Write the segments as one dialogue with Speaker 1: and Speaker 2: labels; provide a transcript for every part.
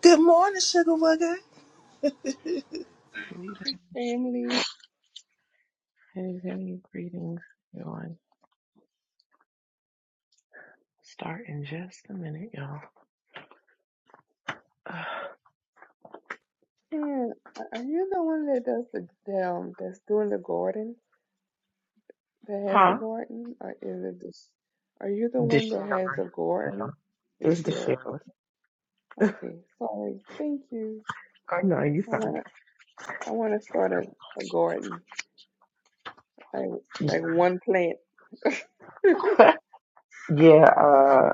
Speaker 1: Good morning, Sugar Wugger.
Speaker 2: Greetings,
Speaker 3: Family,
Speaker 2: heavy greetings, everyone. Start in just a minute, y'all.
Speaker 3: man, are you the one that does the, the um, that's doing the garden, that
Speaker 2: Uh,
Speaker 3: has a
Speaker 2: huh?
Speaker 3: garden, or is it this? Are you the one that has
Speaker 2: Deshara.
Speaker 3: a
Speaker 2: No,
Speaker 3: garden
Speaker 2: it's
Speaker 3: this year?
Speaker 2: Deshara.
Speaker 3: Okay, okay, sorry, thank you.
Speaker 2: Oh no, you
Speaker 3: I
Speaker 2: fine.
Speaker 3: wanna, I wanna start
Speaker 2: Oh,
Speaker 3: a, a garden, like like
Speaker 2: yeah,
Speaker 3: one plant.
Speaker 2: yeah. Uh,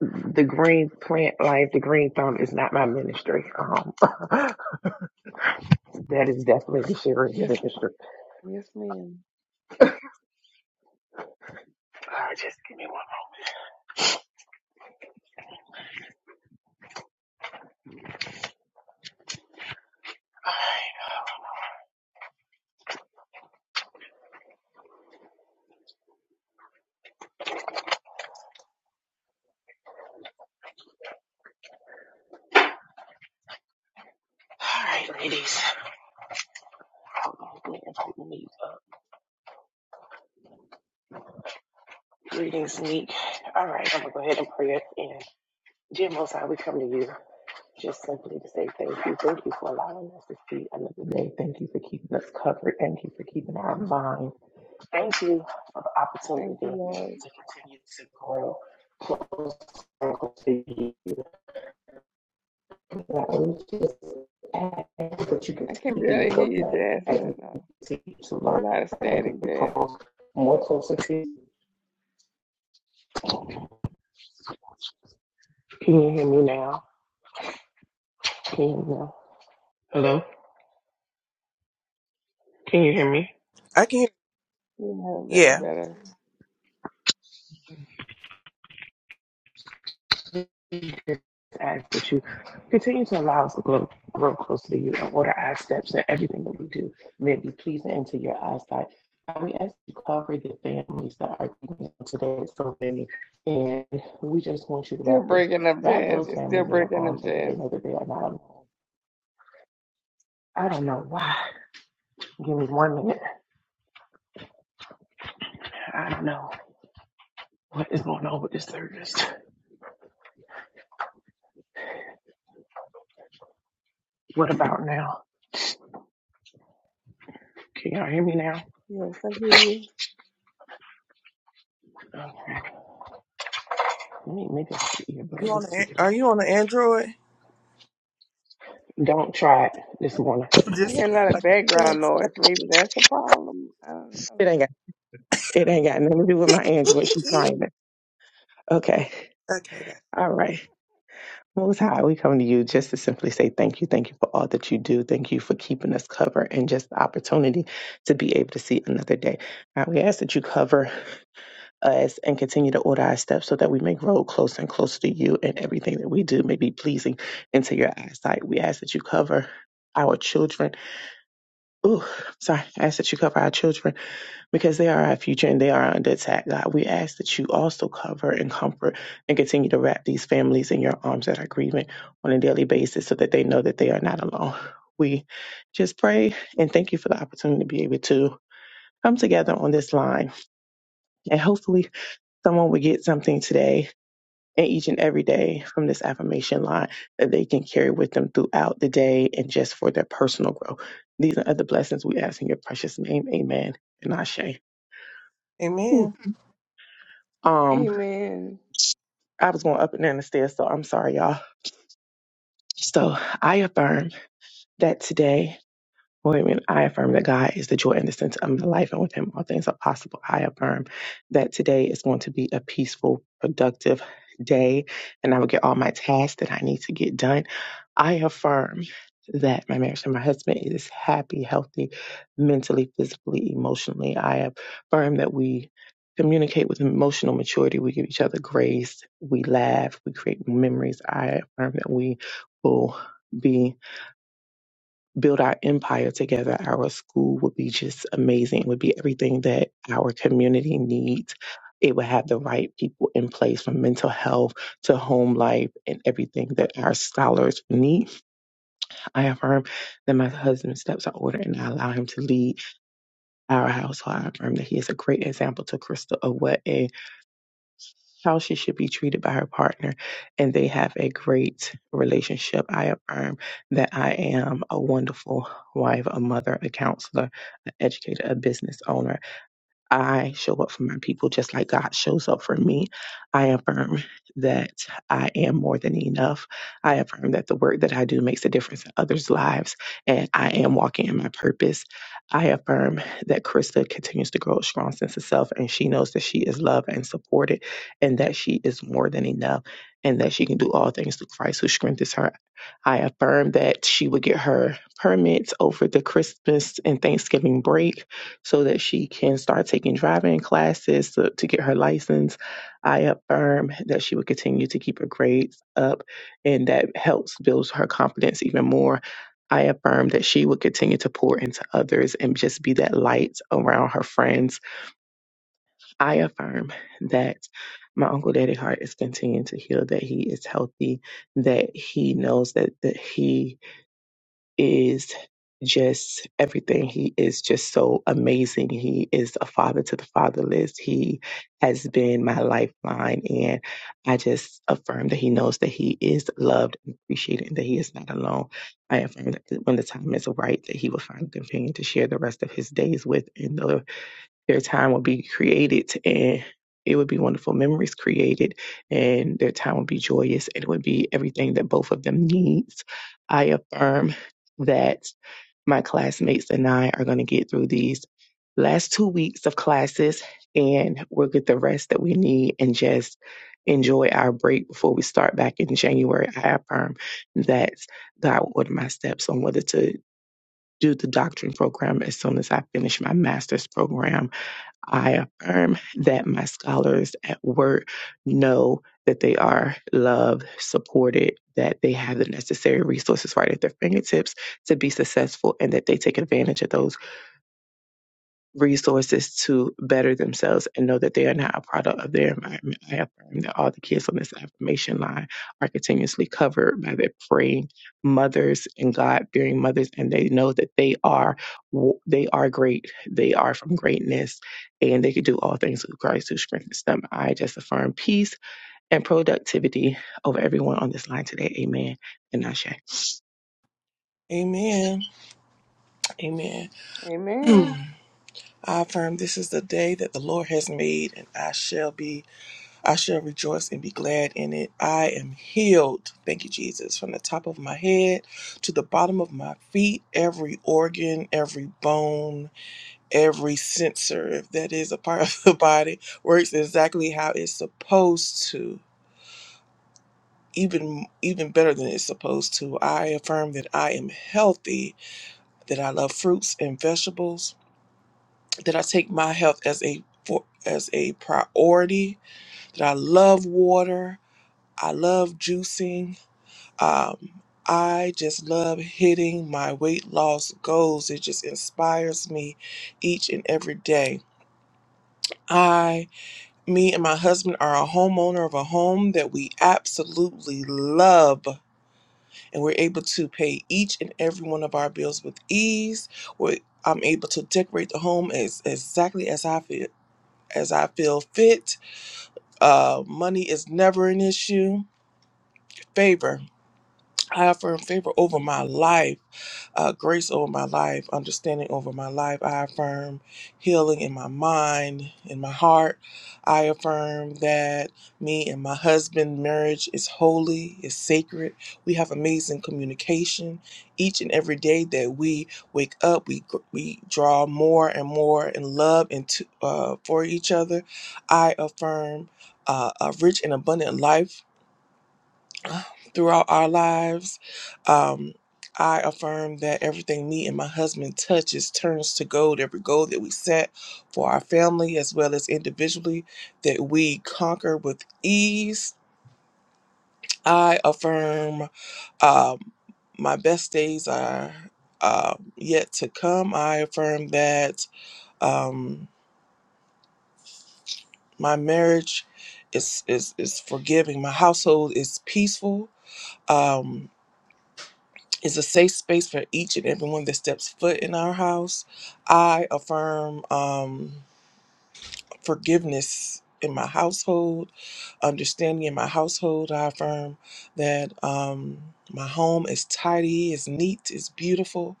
Speaker 2: the green plant life, the green thumb is not my ministry. Um, that is definitely Deshara's
Speaker 3: Yes,
Speaker 2: ministry.
Speaker 3: ma'am. yes, ma'am.
Speaker 2: Uh, just give me one. moment. All right, ladies. Hold on, let me invite Monique up. Greetings, Neek. All right, I'm gonna go ahead and pray it in. Dear Most High, we come to you just simply to say thank you. Thank you for allowing us to see another day. Thank you for keeping us covered. Thank you for keeping our mind. Thank you for the
Speaker 3: Thank you,
Speaker 2: opportunity
Speaker 3: Lord.
Speaker 2: to continue to grow closer to you. Now, we just ask that you
Speaker 3: I can
Speaker 2: continue
Speaker 3: barely
Speaker 2: to go
Speaker 3: hear you,
Speaker 2: back as
Speaker 3: Jasmine.
Speaker 2: we
Speaker 3: No,
Speaker 2: continue to
Speaker 3: there's a
Speaker 2: learn
Speaker 3: lot of
Speaker 2: and
Speaker 3: static,
Speaker 2: get
Speaker 3: Jasmine.
Speaker 2: close, more closer to you. Can you hear me now? Can you hear me now? Hello? Can you hear me?
Speaker 1: I can hear.
Speaker 3: Yeah, that's
Speaker 1: Yeah,
Speaker 3: better.
Speaker 2: just ask that you continue to allow us to grow, grow closer to you and order our steps in everything that we do. May it be pleasing into your eyesight. And we ask you to cover the families that are grieving today, so many. And we just want you to
Speaker 3: Still
Speaker 2: wrap your
Speaker 3: breaking up,
Speaker 2: wrap
Speaker 3: Jazz.
Speaker 2: those
Speaker 3: You're still
Speaker 2: families in your
Speaker 3: breaking up,
Speaker 2: arms so that they
Speaker 3: Jazz.
Speaker 2: know that they are not alone. I don't know why. Give me one minute. I don't know what is going on with this service. What about now? Can y'all hear me now?
Speaker 3: Yes, I hear you.
Speaker 2: Okay. Let me maybe I should earbud.
Speaker 1: you
Speaker 2: Let me
Speaker 1: on? The,
Speaker 2: take it off.
Speaker 1: are you on the Android?
Speaker 2: Don't try it this morning.
Speaker 1: I'm
Speaker 3: I
Speaker 1: just.
Speaker 3: hear a lot
Speaker 1: I
Speaker 3: of
Speaker 1: just
Speaker 3: background
Speaker 1: text.
Speaker 3: noise. Maybe that's the problem. I don't know.
Speaker 2: It ain't got nothing to do with my Android. She trying it. Okay.
Speaker 1: okay, guys.
Speaker 2: All right. Most High, we come to you just to simply say thank you. Thank you for all that you do. Thank you for keeping us covered and just the opportunity to be able to see another day. God, we ask that you cover us and continue to order our steps so that we may grow closer and closer to you and everything that we do may be pleasing into your eyesight. We ask that you cover our children. Ooh, sorry. I ask that you cover our children because they are our future and they are under attack, God. We ask that you also cover and comfort and continue to wrap these families in your arms that are grieving on a daily basis so that they know that they are not alone. We just pray and thank you for the opportunity to be able to come together on this line. And hopefully, someone will get something today and each and every day from this affirmation line that they can carry with them throughout the day and just for their personal growth. These are the blessings we ask in your precious name. Amen. And Ashe. Ooh.
Speaker 1: Amen.
Speaker 2: Um,
Speaker 3: Amen.
Speaker 2: I was going up and down the stairs, so I'm sorry, y'all. So I affirm that today Women, I affirm that God is the joy and the center of my life, and with Him, all things are possible. I affirm that today is going to be a peaceful, productive day, and I will get all my tasks that I need to get done. I affirm that my marriage to my husband is happy, healthy, mentally, physically, emotionally. I affirm that we communicate with emotional maturity. We give each other grace. We laugh. We create memories. I affirm that we will be build our empire together, our school would be just amazing. It would be everything that our community needs. It would have the right people in place from mental health to home life and everything that our scholars need. I affirm that my husband's steps are ordered and I allow him to lead our household. I affirm that he is a great example to Crystal of what a how she should be treated by her partner, and they have a great relationship. I affirm that I am a wonderful wife, a mother, a counselor, an educator, a business owner. I show up for my people just like God shows up for me. I affirm that I am more than enough. I affirm that the work that I do makes a difference in others' lives and I am walking in my purpose. I affirm that Krista continues to grow a strong sense of self and she knows that she is loved and supported and that she is more than enough and that she can do all things through Christ who strengthens her. I affirm that she will get her permits over the Christmas and Thanksgiving break so that she can start taking driving classes to, to get her license. I affirm that she will continue to keep her grades up and that helps build her confidence even more. I affirm that she will continue to pour into others and just be that light around her friends. I affirm that my uncle Daddy Hart is continuing to heal, that he is healthy, that he knows that, that he is just everything. He is just so amazing. He is a father to the fatherless. He has been my lifeline. And I just affirm that he knows that he is loved and appreciated and that he is not alone. I affirm that when the time is right, that he will find a companion to share the rest of his days with. and the their time will be created and it would be wonderful memories created and their time would be joyous and it would be everything that both of them needs i affirm that my classmates and i are going to get through these last two weeks of classes and we'll get the rest that we need and just enjoy our break before we start back in january i affirm that god will order my steps on whether to do the doctrine program as soon as i finish my master's program I affirm that my scholars at work know that they are loved, supported, that they have the necessary resources right at their fingertips to be successful, and that they take advantage of those resources to better themselves and know that they are not a product of their environment. I affirm that all the kids on this affirmation line are continuously covered by their praying mothers and God fearing mothers, and they know that they are w- they are great. They are from greatness, and they can do all things through Christ who strengthens them. I just affirm peace and productivity over everyone on this line today. Amen. And Ashe.
Speaker 1: Amen. Amen.
Speaker 3: Amen.
Speaker 1: Mm. I affirm this is the day that the Lord has made, and I shall be. I shall rejoice and be glad in it. I am healed. Thank you, Jesus. From the top of my head to the bottom of my feet, every organ, every bone every sensor, if that is a part of the body, works exactly how it's supposed to. Even even better than it's supposed to. I affirm that I am healthy, that I love fruits and vegetables, that I take my health as a for, as a priority, that I love water, I love juicing. Um, I just love hitting my weight loss goals. It just inspires me each and every day. I. Me and my husband are a homeowner of a home that we absolutely love, and we're able to pay each and every one of our bills with ease. We're, I'm able to decorate the home as exactly as I feel as I feel fit. Uh, money is never an issue. Favor, I affirm favor over my life. uh, grace over my life, understanding over my life. I affirm healing in my mind, in my heart. I affirm that me and my husband marriage is holy, is sacred. We have amazing communication each and every day that we wake up. We gr- we draw more and more in love and uh, for each other. I affirm uh, a rich and abundant life throughout our lives. Um, I affirm that everything me and my husband touches turns to gold. Every goal that we set for our family as well as individually that we conquer with ease. I affirm um, my best days are uh, yet to come. I affirm that um, my marriage is, is, is forgiving. My household is peaceful. Um, It's a safe space for each and everyone that steps foot in our house. I affirm um, forgiveness in my household, understanding in my household. I affirm that um, my home is tidy, is neat, is beautiful.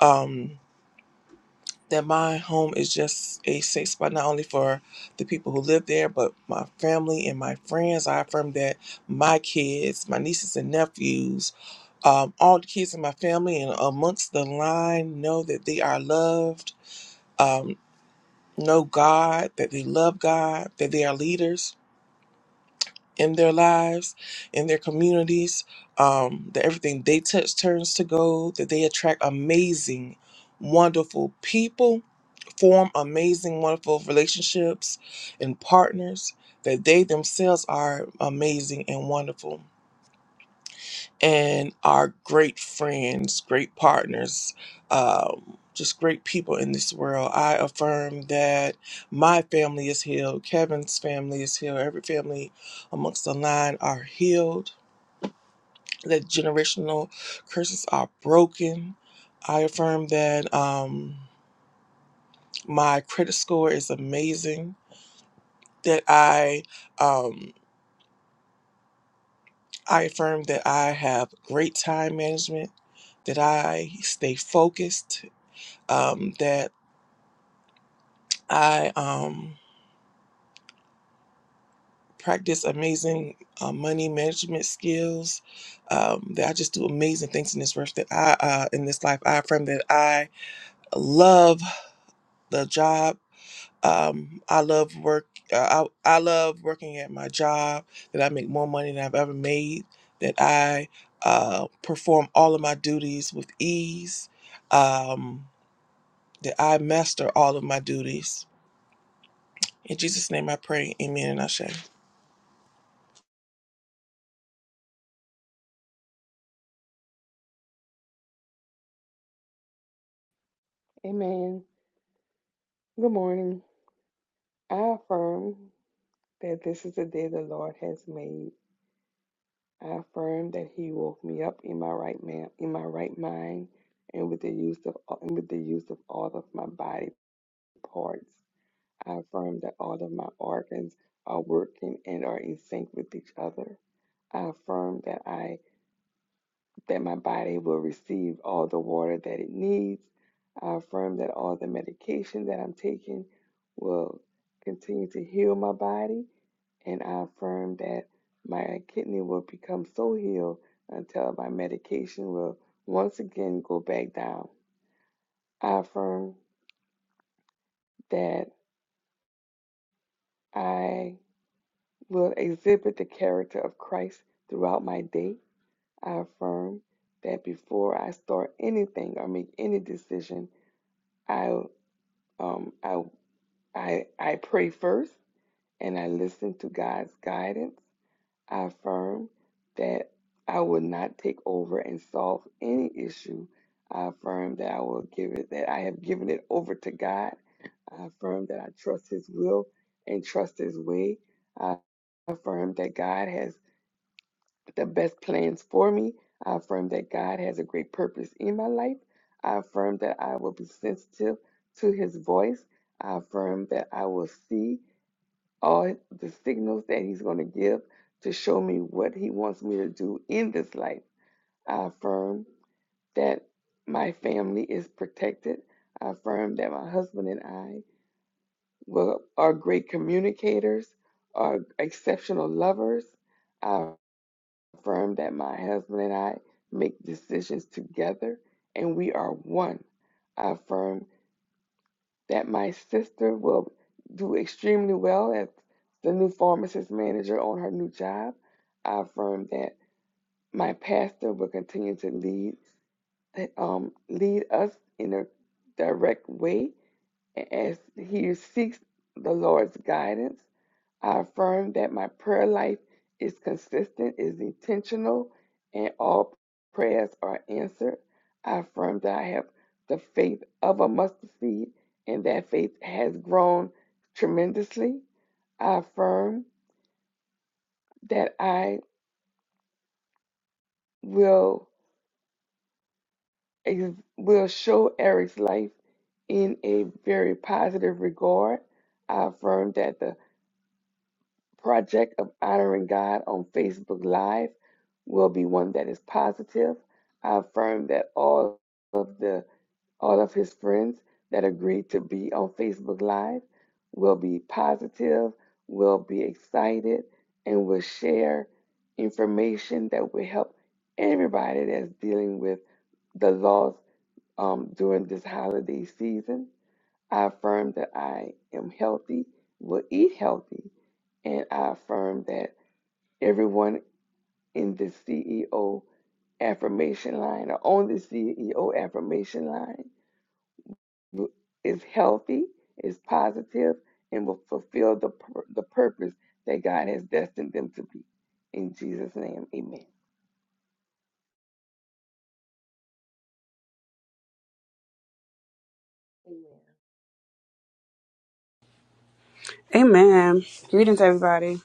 Speaker 1: Um, that my home is just a safe spot not only for the people who live there but my family and my friends i affirm that my kids my nieces and nephews um, all the kids in my family and amongst the line know that they are loved um, know god that they love god that they are leaders in their lives, in their communities, um, that everything they touch turns to gold, that they attract amazing, wonderful people, form amazing, wonderful relationships and partners, that they themselves are amazing and wonderful and are great friends, great partners, um, just great people in this world. I affirm that my family is healed, Kevin's family is healed, every family amongst the line are healed, that generational curses are broken. I affirm that um, my credit score is amazing, that I, um, I affirm that I have great time management, that I stay focused um, that I um, practice amazing uh, money management skills. Um, that I just do amazing things in this life. That I uh, in this life, I affirm that I love the job. Um, I love work. Uh, I I love working at my job. That I make more money than I've ever made. That I uh, perform all of my duties with ease. Um, that I master all of my duties. In Jesus' name, I pray. Amen and Ashe.
Speaker 3: Amen. Good morning. I affirm that this is the day the Lord has made. I affirm that He woke me up in my right man, in my right mind, and with the use of and with the use of all of my body parts. I affirm that all of my organs are working and are in sync with each other. I affirm that I that my body will receive all the water that it needs. I affirm that all the medication that I'm taking will continue to heal my body, and I affirm that my kidney will become so healed until my medication will once again go back down. I affirm that I will exhibit the character of Christ throughout my day. I affirm that before I start anything or make any decision, I Um, I, I, I pray first and I listen to God's guidance. I affirm that I will not take over and solve any issue. I affirm that I will give it, that I have given it over to God. I affirm that I trust His will and trust His way. I affirm that God has the best plans for me. I affirm that God has a great purpose in my life. I affirm that I will be sensitive to his voice. I affirm that I will see all the signals that he's going to give to show me what he wants me to do in this life. I affirm that my family is protected. I affirm that my husband and I will, are great communicators, are exceptional lovers. I affirm that my husband and I make decisions together and we are one. I affirm that my sister will do extremely well as the new pharmacist manager on her new job. I affirm that my pastor will continue to lead um, lead us in a direct way as he seeks the Lord's guidance. I affirm that my prayer life is consistent, is intentional, and all prayers are answered. I affirm that I have the faith of a mustard seed, and that faith has grown tremendously. I affirm that I will will show Eric's life in a very positive regard. I affirm that the project of honoring God on Facebook Live will be one that is positive. I affirm that all of the all of his friends that agreed to be on Facebook Live will be positive, will be excited, and will share information that will help everybody that's dealing with the loss um, during this holiday season. I affirm that I am healthy, will eat healthy, and I affirm that everyone in the CEO affirmation line or on the CEO affirmation line is healthy, is positive, and will fulfill the, the purpose that God has destined them to be. In Jesus' name, amen.
Speaker 4: Amen. Greetings, everybody.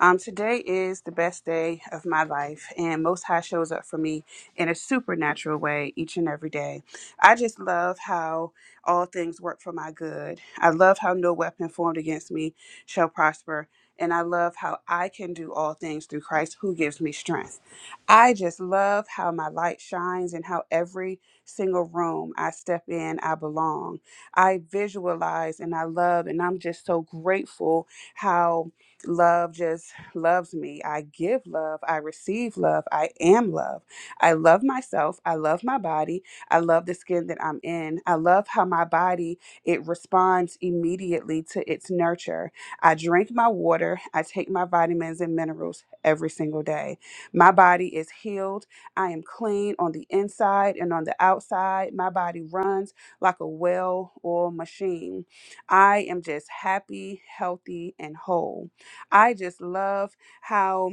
Speaker 4: Um, today is the best day of my life, and Most High shows up for me in a supernatural way each and every day. I just love how all things work for my good. I love how no weapon formed against me shall prosper. And I love how I can do all things through Christ who gives me strength. I just love how my light shines and how every single room I step in, I belong. I visualize and I love, and I'm just so grateful how love just loves me. I give love. I receive love. I am love. I love myself. I love my body. I love the skin that I'm in. I love how my body it responds immediately to its nurture. I drink my water. I take my vitamins and minerals every single day. My body is healed. I am clean on the inside and on the outside. My body runs like a well-oiled machine. I am just happy, healthy, and whole. I just love how,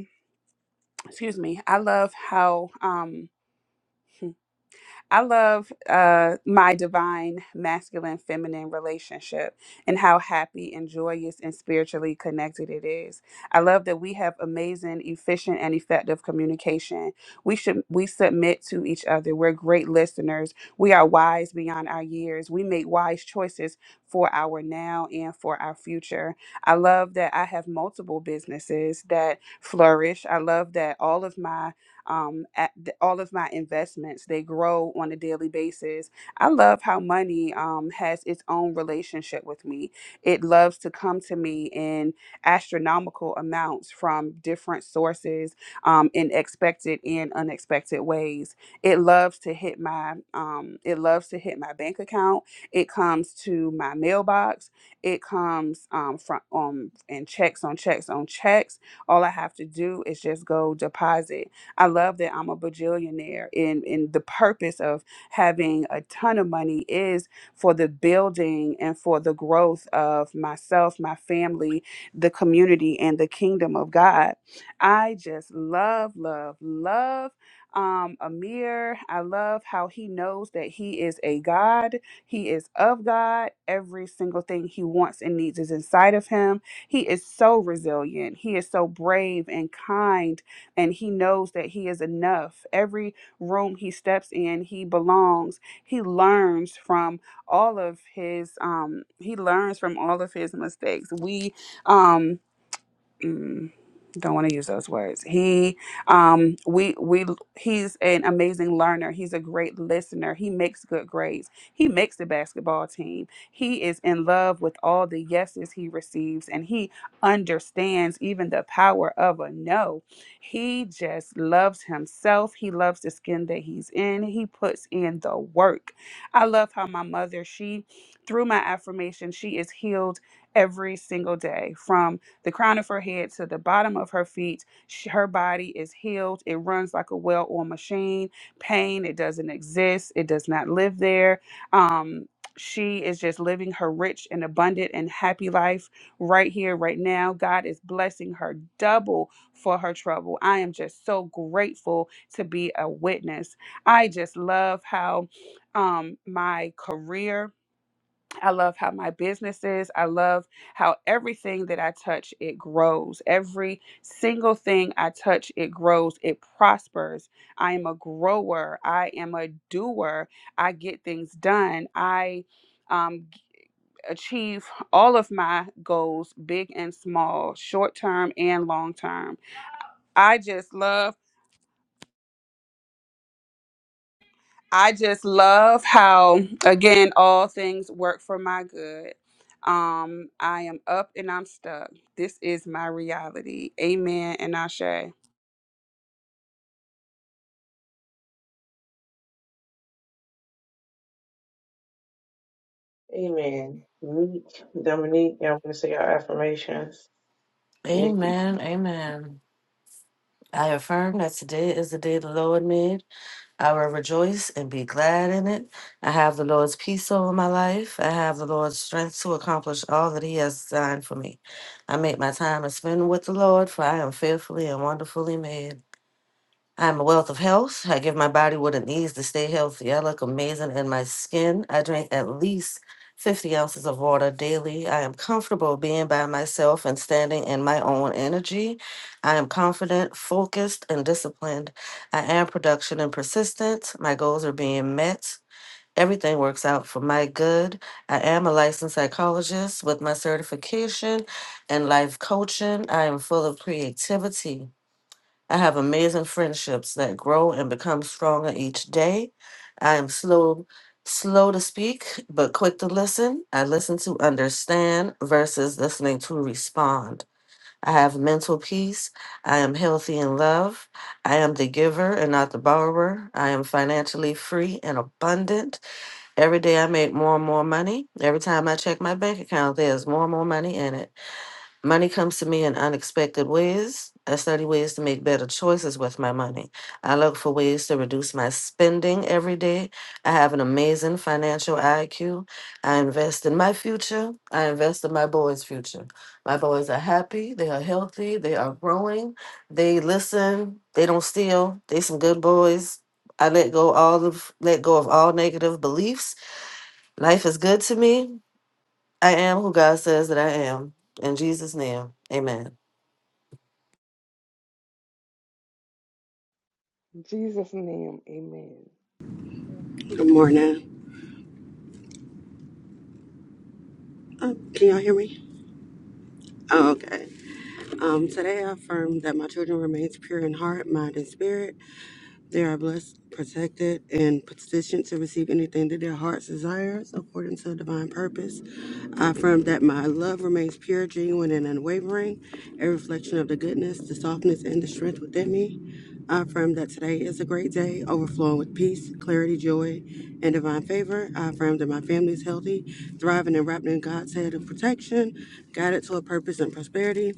Speaker 4: excuse me, I love how um I love uh, my divine masculine feminine relationship and how happy and joyous and spiritually connected it is. I love that we have amazing, efficient, and effective communication. We should we submit to each other. We're great listeners. We are wise beyond our years. We make wise choices for our now and for our future. I love that I have multiple businesses that flourish. I love that all of my um, at the, all of my investments they grow on a daily basis i love how money um, has its own relationship with me it loves to come to me in astronomical amounts from different sources um, in expected and unexpected ways it loves to hit my um, it loves to hit my bank account it comes to my mailbox it comes um, from um, and checks on checks on checks all i have to do is just go deposit I love that I'm a bajillionaire. And, and the purpose of having a ton of money is for the building and for the growth of myself, my family, the community, and the kingdom of God. I just love, love, love um, Amir. I love how he knows that he is a God. He is of God. Every single thing he wants and needs is inside of him. He is so resilient. He is so brave and kind and he knows that he is enough. Every room he steps in, he belongs. He learns from all of his um he learns from all of his mistakes. We um mm, don't want to use those words. He um we we he's an amazing learner. He's a great listener. He makes good grades. He makes the basketball team. He is in love with all the yeses he receives and he understands even the power of a no. He just loves himself. He loves the skin that he's in. He puts in the work. I love how my mother, she through my affirmation, she is healed every single day from the crown of her head to the bottom of her feet. Sh- Her body is healed. It runs like a well oiled machine. Pain, it doesn't exist. It does not live there. Um, she is just living her rich and abundant and happy life right here, right now. God is blessing her double for her trouble. I am just so grateful to be a witness. I just love how um, my career I love how my business is. I love how everything that I touch, it grows. Every single thing I touch, it grows. It prospers. I am a grower. I am a doer. I get things done. I um, g- achieve all of my goals, big and small, short term and long term. I just love. I just love how, again, all things work for my good. Um, I am up and I'm stuck. This is my reality. Amen and Ashe.
Speaker 2: Amen. Meek, Dominique, y'all want to say your affirmations? Nikki.
Speaker 5: Amen. Amen. I affirm that today is the day the Lord made. I will rejoice and be glad in it. I have the Lord's peace over my life. I have the Lord's strength to accomplish all that He has designed for me. I make my time to spend with the Lord, for I am fearfully and wonderfully made. I am a wealth of health. I give my body what it needs to stay healthy. I look amazing in my skin. I drink at least 50 ounces of water daily. I am comfortable being by myself and standing in my own energy. I am confident, focused, and disciplined. I am production and persistent. My goals are being met. Everything works out for my good. I am a licensed psychologist with my certification in life coaching. I am full of creativity. I have amazing friendships that grow and become stronger each day. I am slow slow to speak but quick to listen. I listen to understand versus listening to respond. I have mental peace. I am healthy in love. I am the giver and not the borrower. I am financially free and abundant. Every day I make more and more money. Every time I check my bank account, there's more and more money in it. Money comes to me in unexpected ways. I study ways to make better choices with my money. I look for ways to reduce my spending every day. I have an amazing financial IQ. I invest in my future. I invest in my boys' future. My boys are happy. They are healthy. They are growing. They listen. They don't steal. They some good boys. I let go all of let go of all negative beliefs. Life is good to me. I am who God says that I am. In Jesus' name, amen.
Speaker 3: In Jesus' name, amen.
Speaker 6: Good morning. Uh, can y'all hear me? Oh, okay. Um, today I affirm that my children remains pure in heart, mind, and spirit. They are blessed, protected, and positioned to receive anything that their hearts desires according to divine purpose. I affirm that my love remains pure, genuine, and unwavering, a reflection of the goodness, the softness, and the strength within me. I affirm that today is a great day, overflowing with peace, clarity, joy, and divine favor. I affirm that my family is healthy, thriving, and wrapped in God's head of protection, guided to a purpose and prosperity.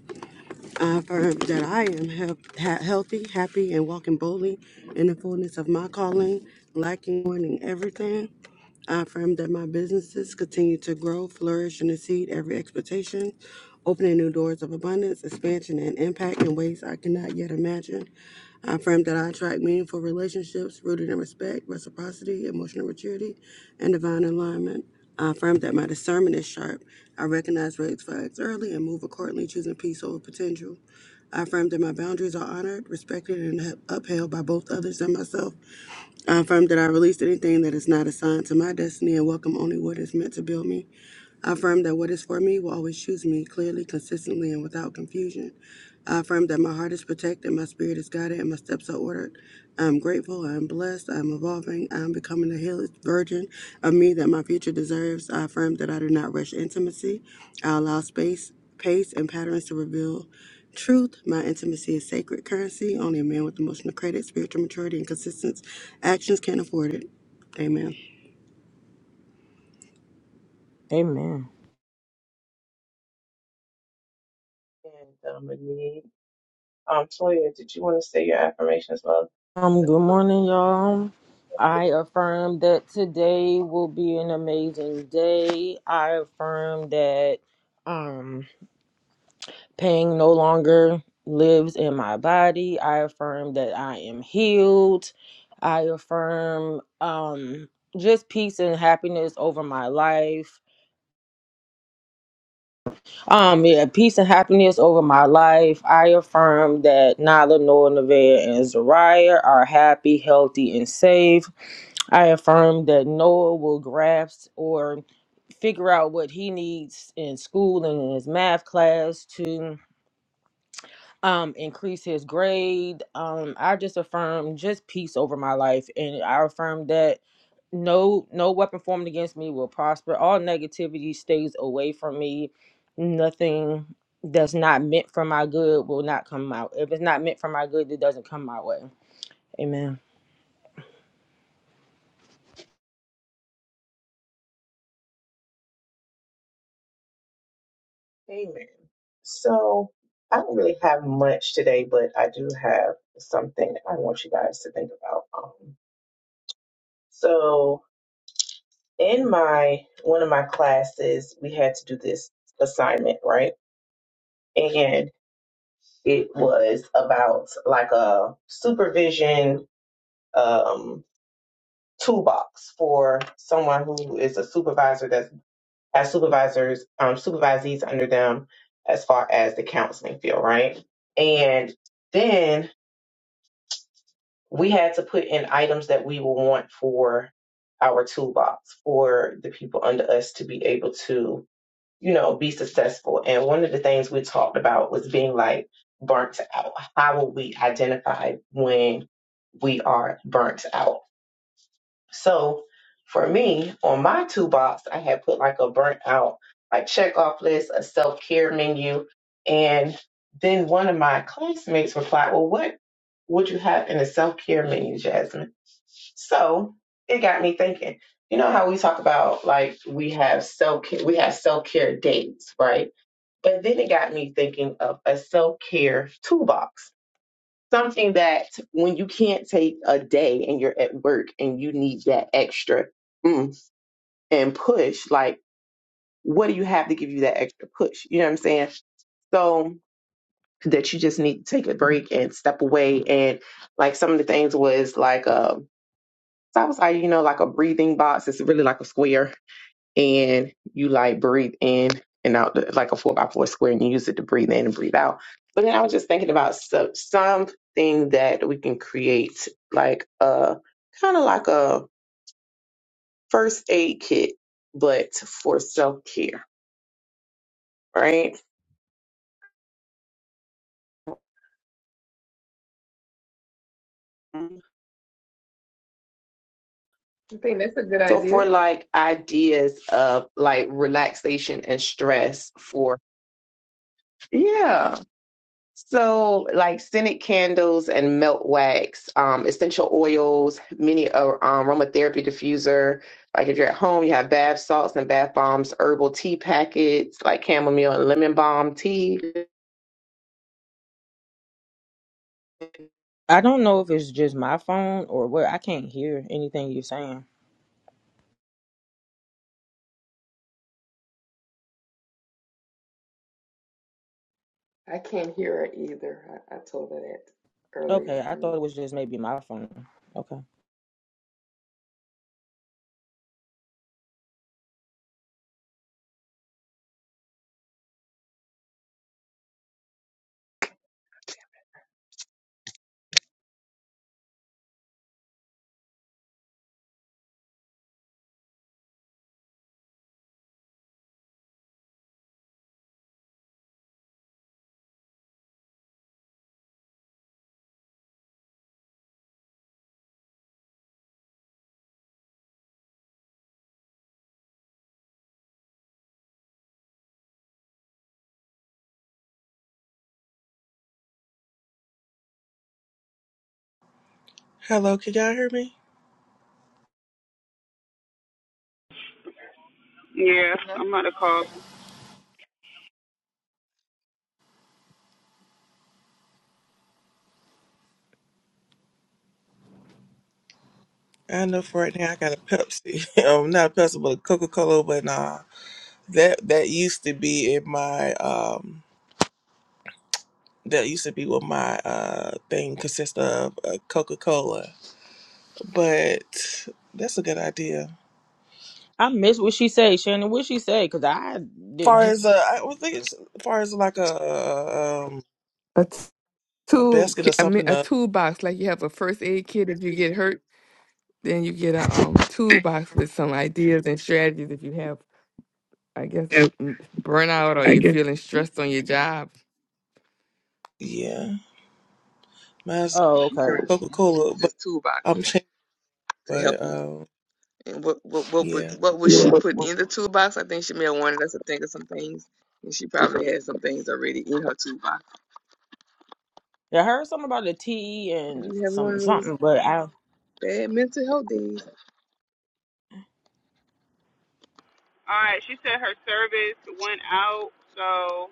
Speaker 6: I affirm that I am he- ha- healthy, happy, and walking boldly in the fullness of my calling, lacking, wanting everything. I affirm that my businesses continue to grow, flourish, and exceed every expectation, opening new doors of abundance, expansion, and impact in ways I cannot yet imagine. I affirm that I attract meaningful relationships rooted in respect, reciprocity, emotional maturity, and divine alignment. I affirm that my discernment is sharp. I recognize red flags early and move accordingly, choosing peace over potential. I affirm that my boundaries are honored, respected, and upheld by both others and myself. I affirm that I released anything that is not assigned to my destiny and welcome only what is meant to build me. I affirm that what is for me will always choose me clearly, consistently, and without confusion. I affirm that my heart is protected, my spirit is guided, and my steps are ordered. I am grateful, I am blessed, I am evolving, I am becoming the healed version of me that my future deserves. I affirm that I do not rush intimacy. I allow space, pace, and patterns to reveal truth. My intimacy is sacred currency. Only a man with emotional credit, spiritual maturity, and consistent actions can afford it. Amen.
Speaker 2: and Dominique. Um, Toya, did you want to say your affirmations, love? Amen. So I don't really have much today, but I do have something I want you guys to think about. Um, so in my one of my classes we had to do this assignment right and it was about like a supervision um toolbox for someone who is a supervisor that has supervisors um supervisees under them as far as the counseling field right and then we had to put in items that we will want for our toolbox for the people under us to be able to you know, be successful. And one of the things we talked about was being like burnt out. How will we identify when we are burnt out? So for me, on my toolbox, I had put like a burnt out, like check off list, a self care menu. And then one of my classmates replied, Well, what would you have in a self care menu, Jasmine? So it got me thinking. You know how we talk about like we have self care, we have self care dates, right? But then it got me thinking of a self care toolbox something that when you can't take a day and you're at work and you need that extra mm, and push, like, what do you have to give you that extra push? You know what I'm saying? So that you just need to take a break and step away. And like some of the things was like, uh, so I was like, you know, like a breathing box. It's really like a square and you like breathe in and out the- like a four by four square and you use it to breathe in and breathe out. But then I was just thinking about so, something that we can create like a kind of like a first aid kit, but for self care, right?
Speaker 3: I think that's a good
Speaker 2: So for
Speaker 3: idea.
Speaker 2: like ideas of like relaxation and stress for yeah. So, like scented candles and melt wax, um, essential oils, many uh, um, aromatherapy diffuser. Like if you're at home, you have bath salts and bath bombs, herbal tea packets, like chamomile and lemon balm tea.
Speaker 3: I can't hear her either. I, I told her that earlier. I don't know.
Speaker 1: Hello, can y'all hear me?
Speaker 4: Yeah,
Speaker 3: Yeah.
Speaker 4: I'm gonna call.
Speaker 1: I know for right now I got a Pepsi. um, not a Pepsi, but a Coca Cola. But nah, that that used to be in my um, that used to be what my uh thing consists of, uh, Coca Cola. But that's a good idea. Far as uh, I would think it's as far as like a uh, um
Speaker 3: But
Speaker 1: a
Speaker 3: tool
Speaker 1: basket or
Speaker 3: ki- I mean
Speaker 1: something.
Speaker 3: a
Speaker 1: Uh,
Speaker 3: toolbox like you have a first aid kit if you get hurt then you get a um toolbox with some ideas and strategies if you have I guess
Speaker 7: Yeah,
Speaker 3: m- burnout or
Speaker 7: I
Speaker 3: you're
Speaker 7: guess.
Speaker 3: feeling stressed on your job
Speaker 1: yeah, mine's
Speaker 3: You can
Speaker 1: Coca
Speaker 3: you can use
Speaker 1: Cola, but
Speaker 3: this toolbox
Speaker 1: I'm changing.
Speaker 3: to help
Speaker 1: But
Speaker 3: you.
Speaker 1: um,
Speaker 3: And what what what would
Speaker 1: yeah.
Speaker 3: what would she put in
Speaker 7: Yeah.
Speaker 3: the toolbox? I think she may have wanted us to think of some things, and she probably had some things already in her toolbox. You have one of those bad mental health days.
Speaker 4: All right, she said her service went out, so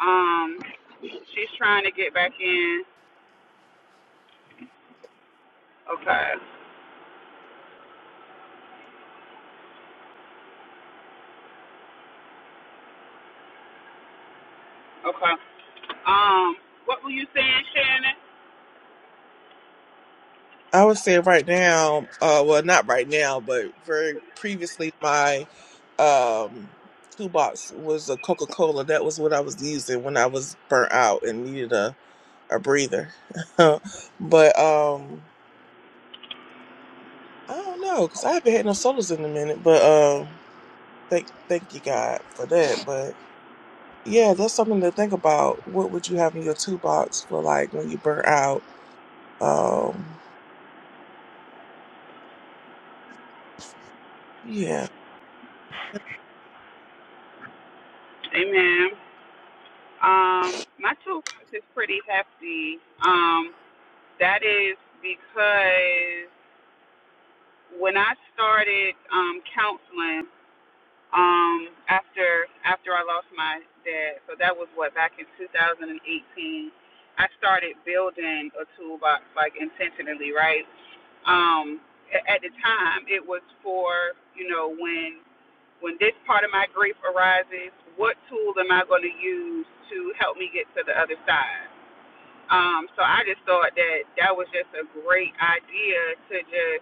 Speaker 4: um, she's trying to get back in. Okay, okay. Um, what minute?
Speaker 1: I would say right now, uh, well, not right now, but very previously, my um, toolbox was a Coca Cola. That was what I was using when I was burnt out and needed a, a breather. but um, I don't know because I haven't had no sodas in a minute. But um, thank thank you God for that. But yeah, that's something to think about. What would you have in your toolbox for like when you burn out? Um, yeah.
Speaker 4: Amen. Um, my toolbox is pretty hefty. Um, that is because when I started um, counseling um, after after I lost my dad, so that was what back in 2018. I started building a toolbox like intentionally, right? Um, a- at the time, it was for you know when when this part of my grief arises, what tool am I going to use to help me get to the other side? Um, so I just thought that that was just a great idea to just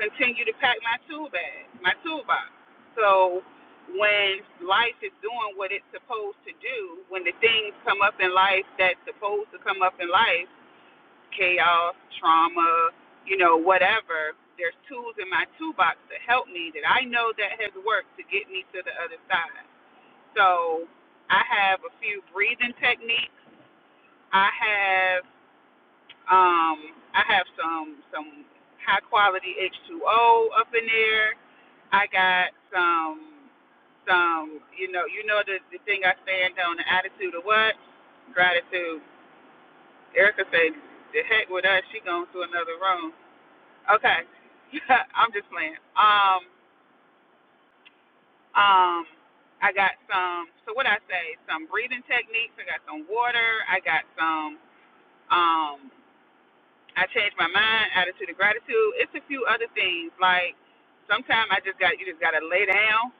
Speaker 4: continue to pack my tool bag, my toolbox. So when life is doing what it's supposed to do, when the things come up in life that's supposed to come up in life, chaos, trauma, you know, whatever, there's tools in my toolbox to help me that I know that has worked to get me to the other side. So I have a few breathing techniques. I have um I have some some high quality H2O up in there. I got some. Um, you know, you know the, the thing I stand on, the attitude of what? Gratitude. Erica said, the heck with us, she going to another room. Okay. I'm just playing. Um, um, I got some, so what I say, some breathing techniques. I got some water. I got some, um, I changed my mind, attitude of gratitude. It's a few other things. Like sometimes I just got, you just got to lay down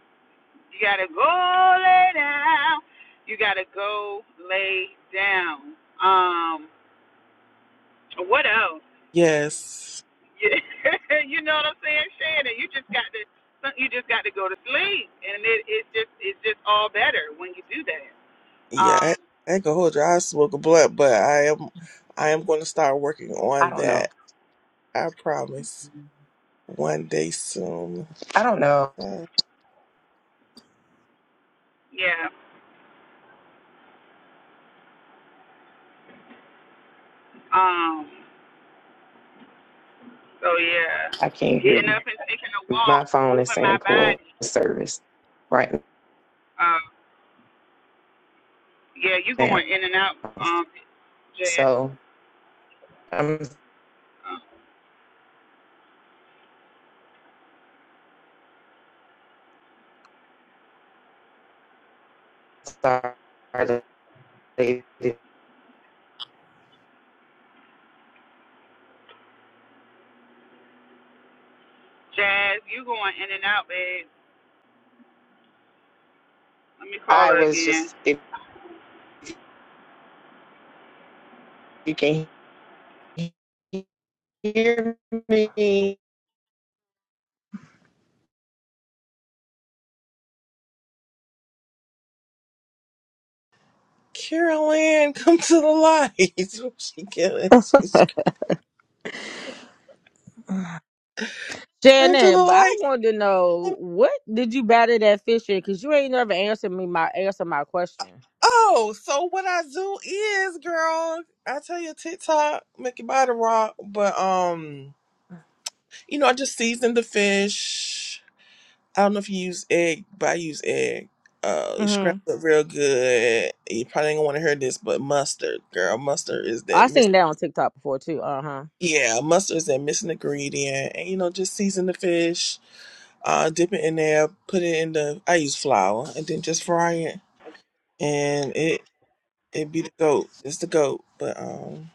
Speaker 4: You gotta go lay down. You gotta go lay down. Um, what else?
Speaker 1: Yes.
Speaker 4: you, you know what I'm saying, Shannon? You just got to you just got to go to sleep, and it, it's just it's just all better when you do that.
Speaker 1: Yeah, I,
Speaker 4: Um,
Speaker 1: I ain't gonna hold you. I smoke a blunt, but I am I am gonna start working
Speaker 2: I
Speaker 1: on
Speaker 2: don't
Speaker 1: that.
Speaker 2: know.
Speaker 1: I promise. One day soon.
Speaker 2: I don't know.
Speaker 1: Uh,
Speaker 4: yeah. Um, so yeah,
Speaker 2: I can't hear
Speaker 4: getting
Speaker 2: you.
Speaker 4: up and taking a
Speaker 2: My
Speaker 4: walk,
Speaker 2: phone is
Speaker 4: moving
Speaker 2: saying
Speaker 4: my
Speaker 2: poor
Speaker 4: body.
Speaker 2: service right
Speaker 4: Um, yeah, you
Speaker 2: now.
Speaker 4: going in and out, um, Jazz.
Speaker 2: So I'm
Speaker 4: Um,
Speaker 2: sorry.
Speaker 4: Jazz, you going in and out, babe. Let me call
Speaker 2: I
Speaker 4: her
Speaker 2: was
Speaker 4: again.
Speaker 2: just, if you can. hear me?
Speaker 1: Carolyn, come to the light. she killing. She's come to the light. Oh, so what I do is, girl, I tell you TikTok, make your body rock. But um, you know, I just seasoned the fish. I don't know if you use egg, but I use egg. Uh, scrambled up real good. You probably ain't gonna want to hear this, but mustard, girl, mustard is that miss. Yeah, mustard is that missing ingredient, and you know, just season the fish, uh, dip it in there, put it in the. I use flour, and then just fry it, and it it be the goat. It's the goat, but um,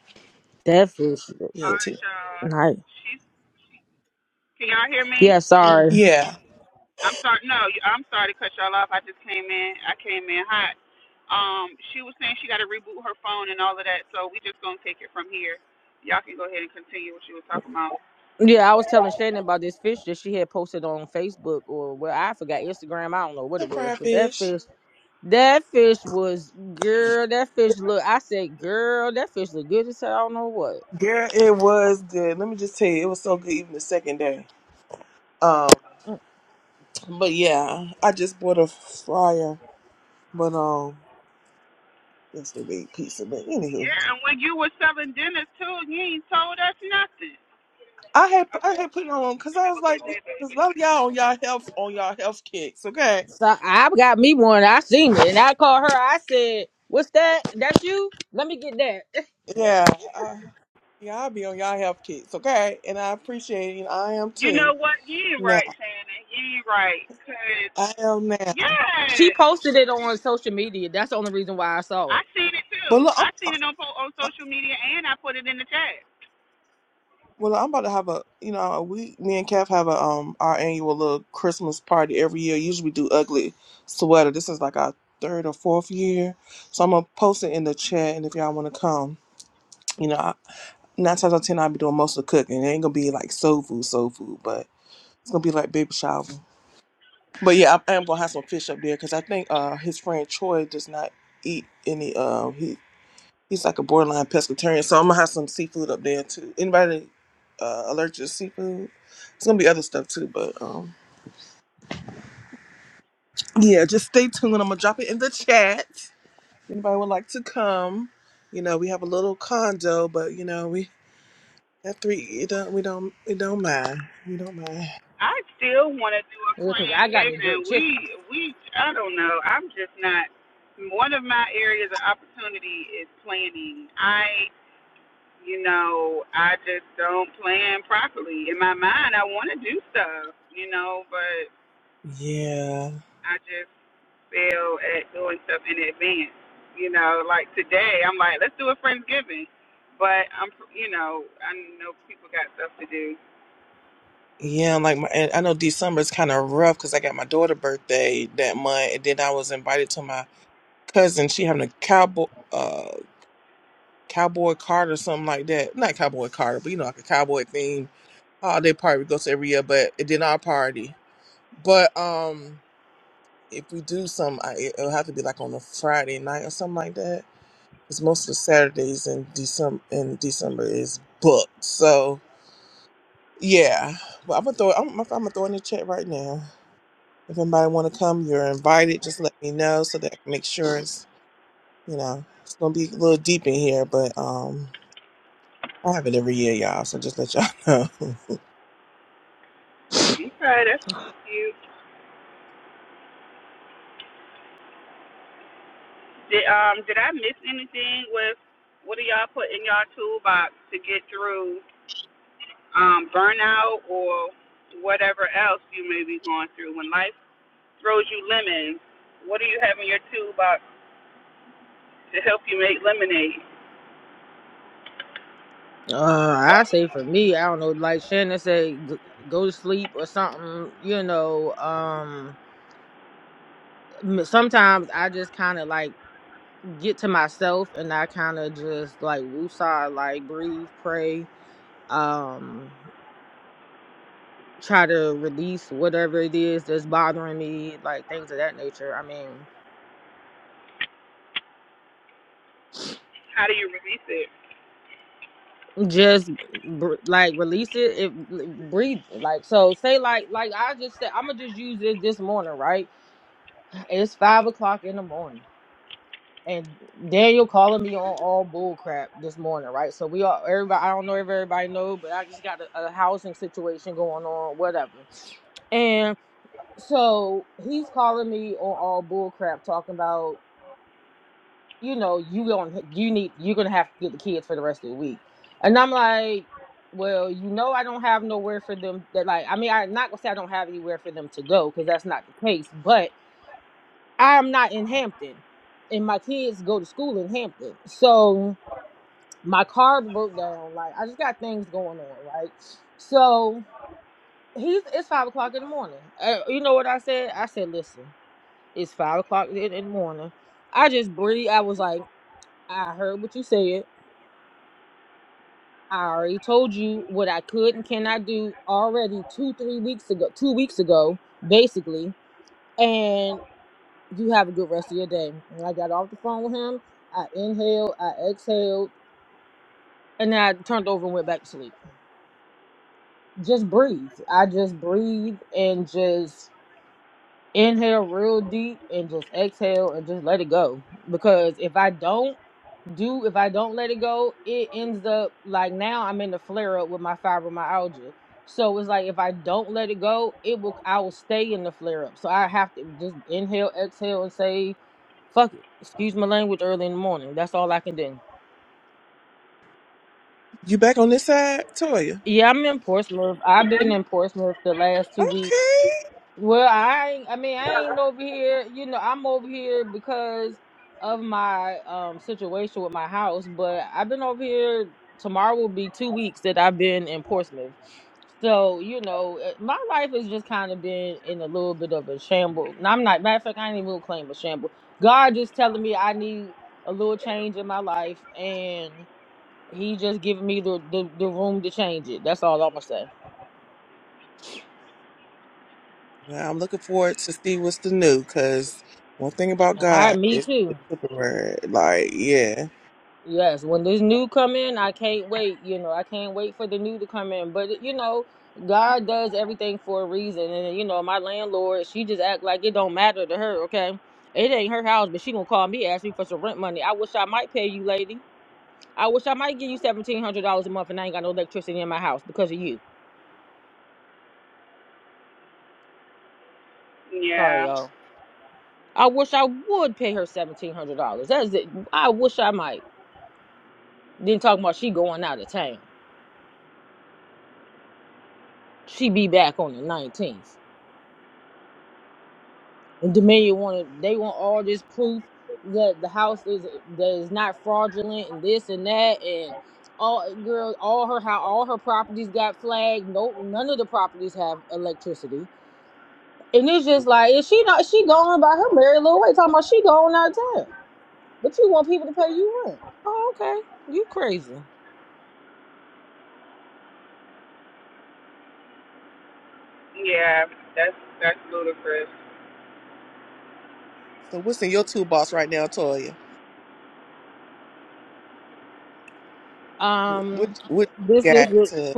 Speaker 1: yeah,
Speaker 4: All right,
Speaker 1: t-
Speaker 4: y'all. She's, she, can y'all hear me?
Speaker 1: yeah,
Speaker 4: I'm sorry. No, you- I'm sorry to cut y'all off. I just came in. I came in hot. Um, she was saying she got to reboot her phone and all of that, so we just gonna take it from here. Y'all can go ahead and continue what you was talking about.
Speaker 1: the fried fish. Girl, it was good. Let me just tell you, it was so good even the second day. Um. But yeah, I just bought a fryer, but um, yes, they made pizza. But anywho,
Speaker 4: Yeah, and when you were selling dinners too, you ain't told us nothing.
Speaker 1: I had I
Speaker 4: Okay.
Speaker 1: had put it on because I
Speaker 4: Have
Speaker 1: was
Speaker 4: a good
Speaker 1: like,
Speaker 4: day,
Speaker 1: because
Speaker 4: baby.
Speaker 1: a lot of y'all on y'all health on y'all health kicks, okay? Yeah, I, yeah, I'll be on y'all health kicks, okay? And I appreciate it. And I am
Speaker 4: You
Speaker 1: too
Speaker 4: know what? You ain't
Speaker 1: now.
Speaker 4: right, Shannon. You ain't right. Cause
Speaker 1: I am now.
Speaker 4: yeah, I seen it
Speaker 1: But
Speaker 4: too. I
Speaker 1: look,
Speaker 4: seen it on po- on
Speaker 1: I'm
Speaker 4: social media, and I put it in the chat.
Speaker 1: Well, I'm about to have a, you know, we, me and Kev have a um our annual little Christmas party every year. Usually we do ugly sweater. This is like our third or fourth year, so I'm gonna post it in the chat. And if y'all want to come, you know, I, nine times out of ten I'll be doing most of the cooking. It ain't gonna be like soul food, soul food, but it's gonna be like baby shower. But yeah, I, I am gonna have some fish up there because I think uh his friend Troy does not eat any. Um, he He's like a borderline pescatarian, so I'm gonna have some seafood up there too. Anybody uh, allergic to seafood? It's gonna be other stuff too, but um, yeah, just stay tuned. I'm gonna drop it in the chat. Anybody would like to come? You know, we have a little condo, but you know, we have three. It don't, we don't, it don't mind. We don't mind.
Speaker 4: I still want to do a Friendsgiving. We, we, I don't know. I'm just not. One of my areas of opportunity is planning. I, you know, I just don't plan properly. In my mind, I want to do stuff, you know, but
Speaker 1: Yeah,
Speaker 4: I just fail at doing stuff in advance. You know, like today, I'm like, let's do a Friendsgiving. But I'm, you know, I know people got stuff to do.
Speaker 1: yeah. Like my, and I know December is kind of rough because I got my daughter birthday that month, and then I was invited to my cousin. She having a cowboy. uh, Cowboy Carter, or something like that. Not Cowboy Carter, but you know, like a cowboy theme holiday party we go to every year, but it did not party. But um, if we do some, I, it'll have to be like on a Friday night or something like that. Because most of the Saturdays in December in December is booked. So yeah, but I'm gonna throw I'm, I'm gonna throw in the chat right now. If anybody want to come, you're invited. Just let me know so that I can make sure it's you know it's gonna be a little deep in here, but um. I have it every year, y'all. So just let y'all know.
Speaker 4: Okay, that's cute. Did um did I miss anything with what do y'all put in y'all toolbox to get through um burnout or whatever else you may be going through when life throws you lemons? What do you have in your toolbox to help you make lemonade? How do you release it?
Speaker 1: You back on this side, Toya? Okay. Well, I'm looking forward to see what's the new because one thing about God is temporary. Like, yeah.
Speaker 4: Yeah, yeah, that's that's ludicrous.
Speaker 1: So, what's in your toolbox right now, Toya? Wh- What what you got to?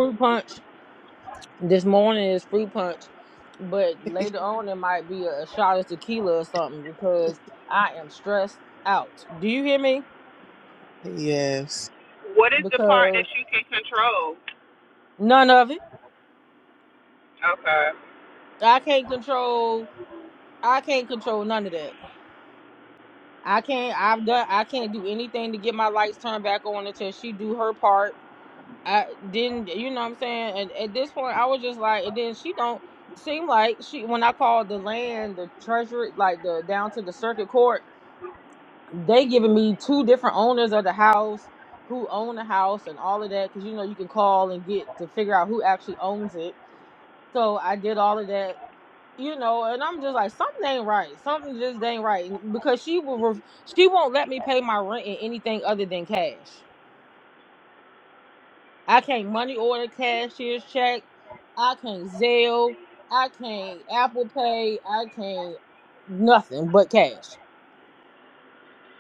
Speaker 1: Yes.
Speaker 4: What is the part that you can control? Okay.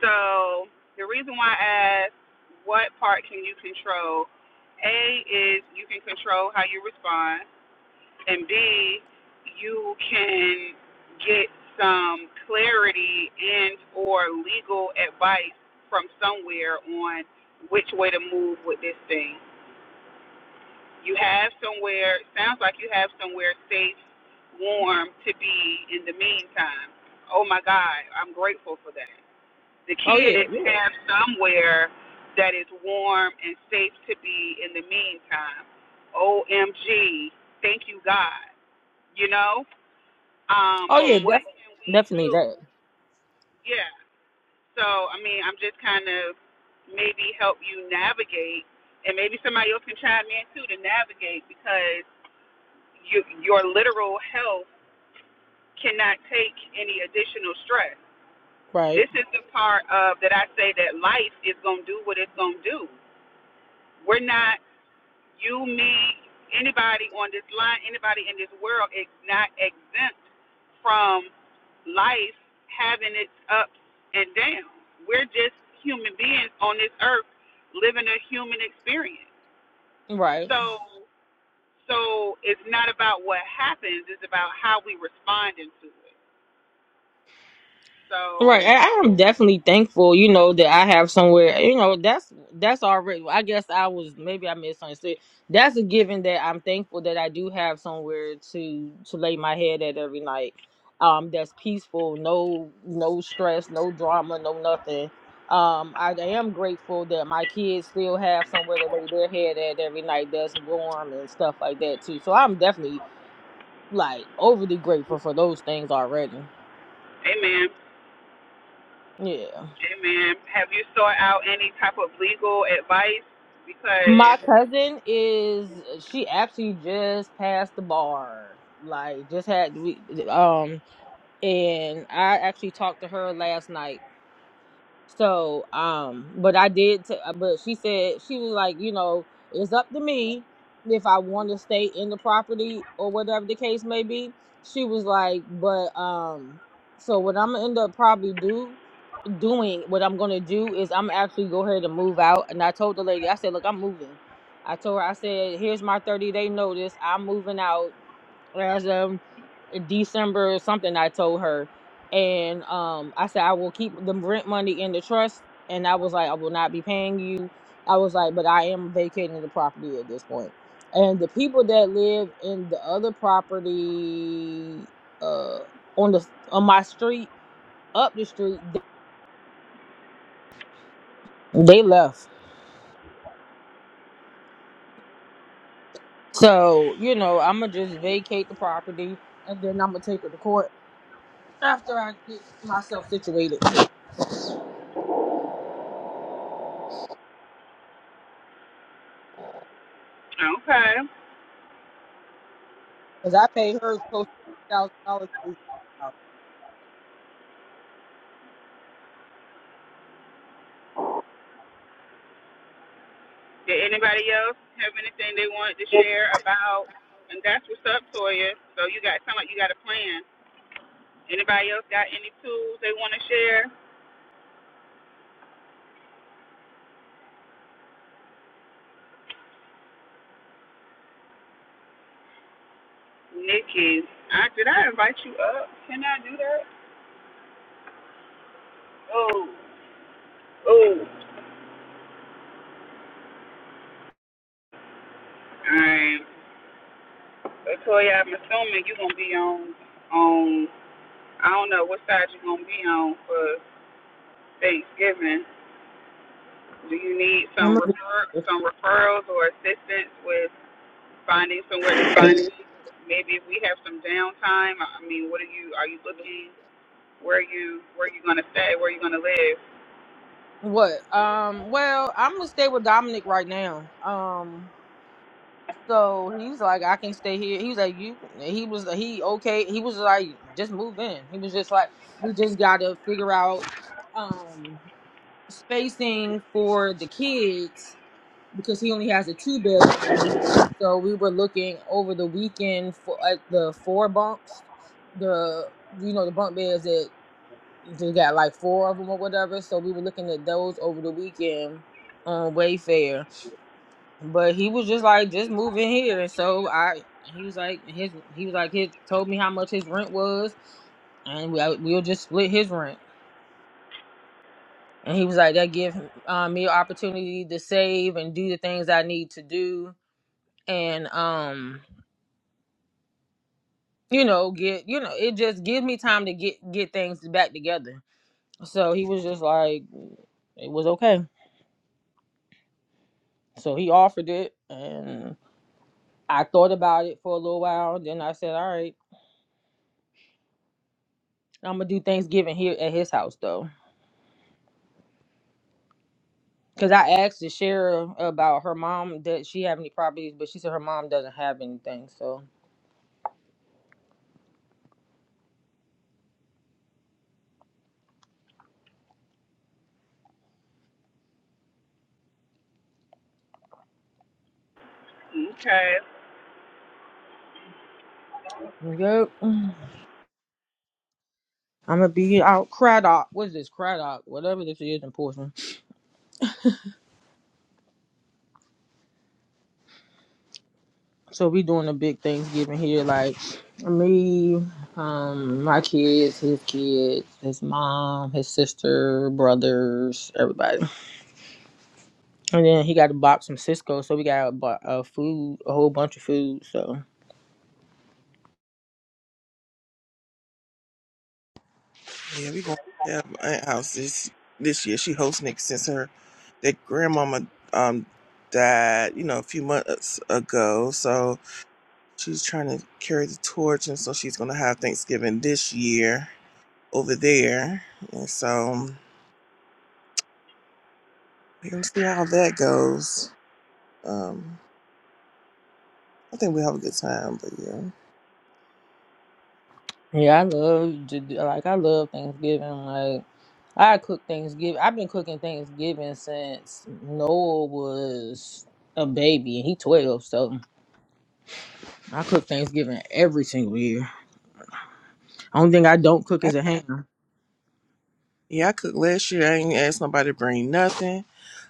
Speaker 4: So the reason why I asked what part can you control? A is you can control how you respond, and B, you can get some clarity and or legal advice from somewhere on which way to move with this thing. You have somewhere sounds like you have somewhere safe, warm to be in the meantime. Oh my God, I'm grateful for that the kids have somewhere that is warm and safe to be in the meantime. OMG, thank you, God. You know? Um, but what can we do? Yeah. So, I mean, I'm just kind of maybe help you navigate, and maybe somebody else can chime in too to navigate because you, your literal health cannot take any additional stress. This is the part of that I say that life is going to do what it's going to do we're not You, me, anybody on this line, anybody in this world is not exempt from life having its ups and downs. We're just human beings on this earth living a human experience. So so it's not about what happens, it's about how we responding to it. So Amen. Amen. Have you sought out any type of legal advice? Because okay. Did anybody else have anything they wanted to share about? And that's what's up, Toya. So you got sound like you got a plan. Anybody else got any tools they want to share? Nikki, I, did I invite you up? Can I do that? Oh, oh. All right. So Toya, I'm assuming you're gonna be on on. I don't know what side you're gonna be on for Thanksgiving. Do you need some refer some referrals or assistance with? finding somewhere to stay.
Speaker 7: Fine.
Speaker 4: Maybe if we have some downtime, I mean, what are you? Are you looking? Where are you? Where are you gonna stay? Where are you gonna live? Okay.
Speaker 1: Yeah, we going to have my aunt house this this year. She hosting Nick since her that grandmama um died, you know, a few months ago. So she's trying to carry the torch, and so she's gonna have Thanksgiving this year. over there. And so we're gonna see how that goes. Um, I think we'll have a good time, but yeah. I, yeah, I cooked last year. I ain't asked nobody to bring nothing.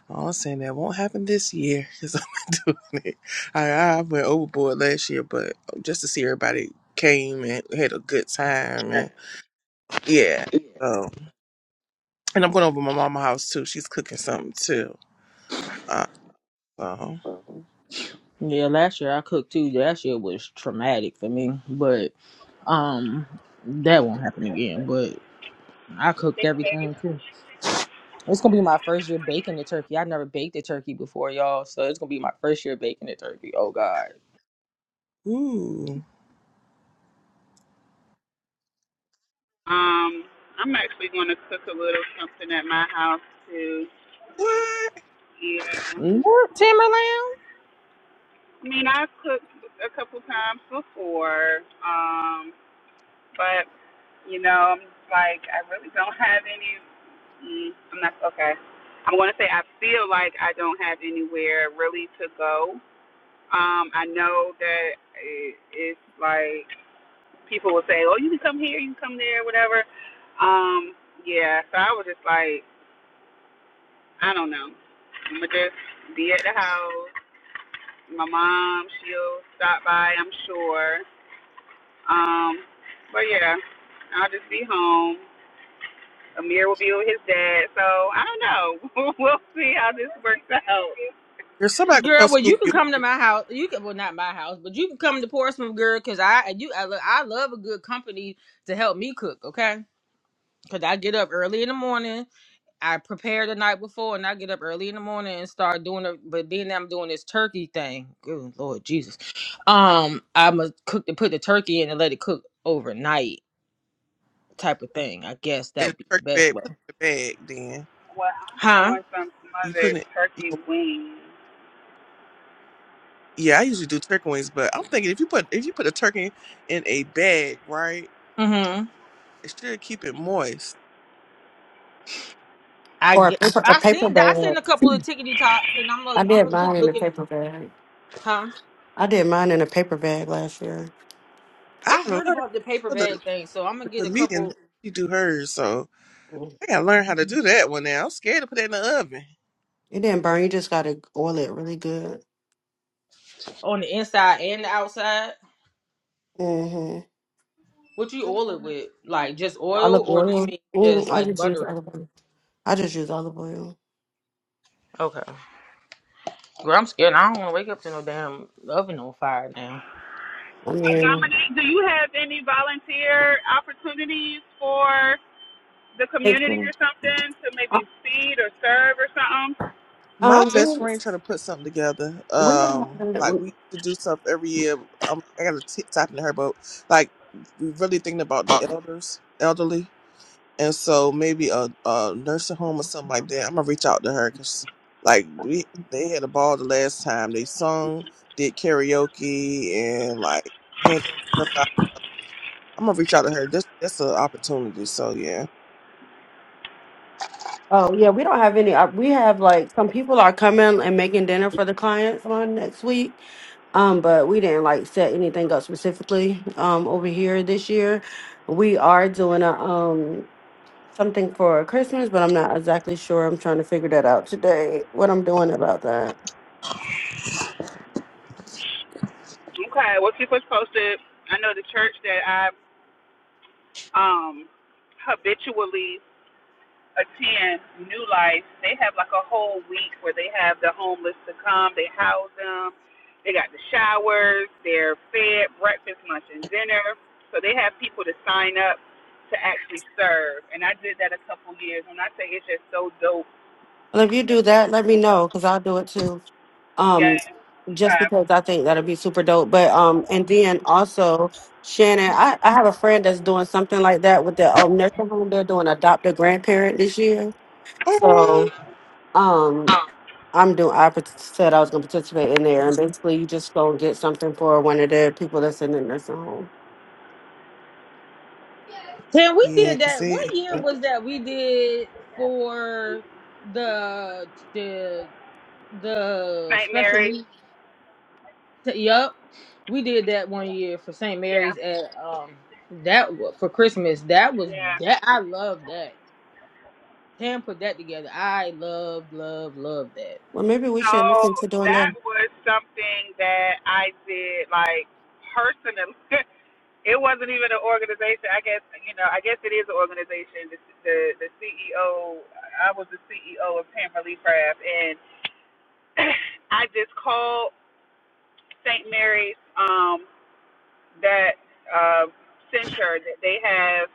Speaker 1: All I'm saying that won't happen this year because I'm not doing it. I, I went overboard last year, but just to see everybody came and had a good time and yeah. So and I'm going over to my mama's house too. She's cooking something too. Uh, so
Speaker 4: Thank you, baby.
Speaker 1: ooh,
Speaker 4: Um, I'm actually gonna cook a little something at my house too.
Speaker 1: what?
Speaker 4: Yeah. I mean, I have cooked a couple times before. Um, but you know, I'm just like I really don't have any. Mm, I'm not okay. I'm gonna say I feel like I don't have anywhere really to go Um, I know that it, it's like people will say, "Oh, you can come here, you can come there, whatever." Um, yeah. So I was just like, I don't know. I'm gonna just be at the house. My mom, she'll stop by, I'm sure. Um, but yeah, I'll just be home. Amir will be with his dad, so I don't know. we'll see how this works out.
Speaker 1: Girl, somebody gonna come scoop you. in the turkey bag, put it in the bag. Then
Speaker 4: Well, I'm doing some
Speaker 1: you put
Speaker 4: smothered
Speaker 1: it. You
Speaker 4: turkey
Speaker 1: know,
Speaker 4: wings.
Speaker 1: yeah, I usually do turkey wings, but I'm thinking if you put if you put a turkey in a bag, right, it should keep it moist.
Speaker 6: Or a paper, a paper bag. I did mine in a paper bag. I did mine in a paper bag last year.
Speaker 1: I gotta learn how the, the comedian she do hers, so I gotta learn how to do that one now. I'm scared to put that in the oven.
Speaker 6: It did really good. Mm. The
Speaker 1: Come on.
Speaker 6: Olive oil. Mm, I just use olive oil. I just oil. I
Speaker 4: Uh,
Speaker 6: mean,
Speaker 4: Dominic, do you have any volunteer opportunities for the
Speaker 6: thank
Speaker 4: community
Speaker 6: you.
Speaker 4: or something to
Speaker 6: Uh,
Speaker 4: maybe feed or serve or something?
Speaker 1: My
Speaker 6: Um,
Speaker 1: best
Speaker 6: we
Speaker 1: friend trying to put something together.
Speaker 6: we don't
Speaker 1: Um,
Speaker 6: have that.
Speaker 1: like
Speaker 6: we-
Speaker 1: we used to do stuff every year. Um, I got to tip tapping to her, but like we really thinking about the elders, elderly and so maybe a, a nursing home or something like that. I'm gonna reach out to her because like we they had a ball the last time they sung, did karaoke, and like handed stuff out. I'm gonna reach out to her. That's that's an opportunity. So yeah,
Speaker 6: Oh yeah, we don't have any. uh, We have like some people are coming and making dinner for the clients on next week. Um, but we like setting up specifically um over here. We for Christmas, but I'm not exactly sure. I'm trying to figure that out today. What I'm doing about that.
Speaker 4: Okay, well keep us posted. I know the church that I um habitually attend New Life, they have like a whole week where they have the homeless to come, they house them, they got the showers, they're fed breakfast, lunch, and dinner. So they have people to sign up to actually serve. And I did that a couple years. When I say it's just so dope,
Speaker 6: Well, if you do that, let me know because I'll do it too.
Speaker 4: yeah,
Speaker 6: Um, just because I think that'll be super dope. But um, and then also Shannon, I I have a friend that's doing something like that with the um nursing home. They're doing adopt a grandparent this year,
Speaker 1: all right,
Speaker 6: so. Um, I'm doing. I partic- said I was going to participate in there, and basically, you just go and get something for one of the people that's in the nursing home.
Speaker 1: yeah, because they
Speaker 4: St. Mary's, yeah, yeah.
Speaker 6: Well, maybe we
Speaker 4: So
Speaker 6: should look into doing that.
Speaker 4: that was something that I did like personally It wasn't even an organization. I guess you know. I guess it is an organization. The the, the CEO. I was the CEO of Pamperly Craft, and I just called St. Mary's. Um, that uh, center that they have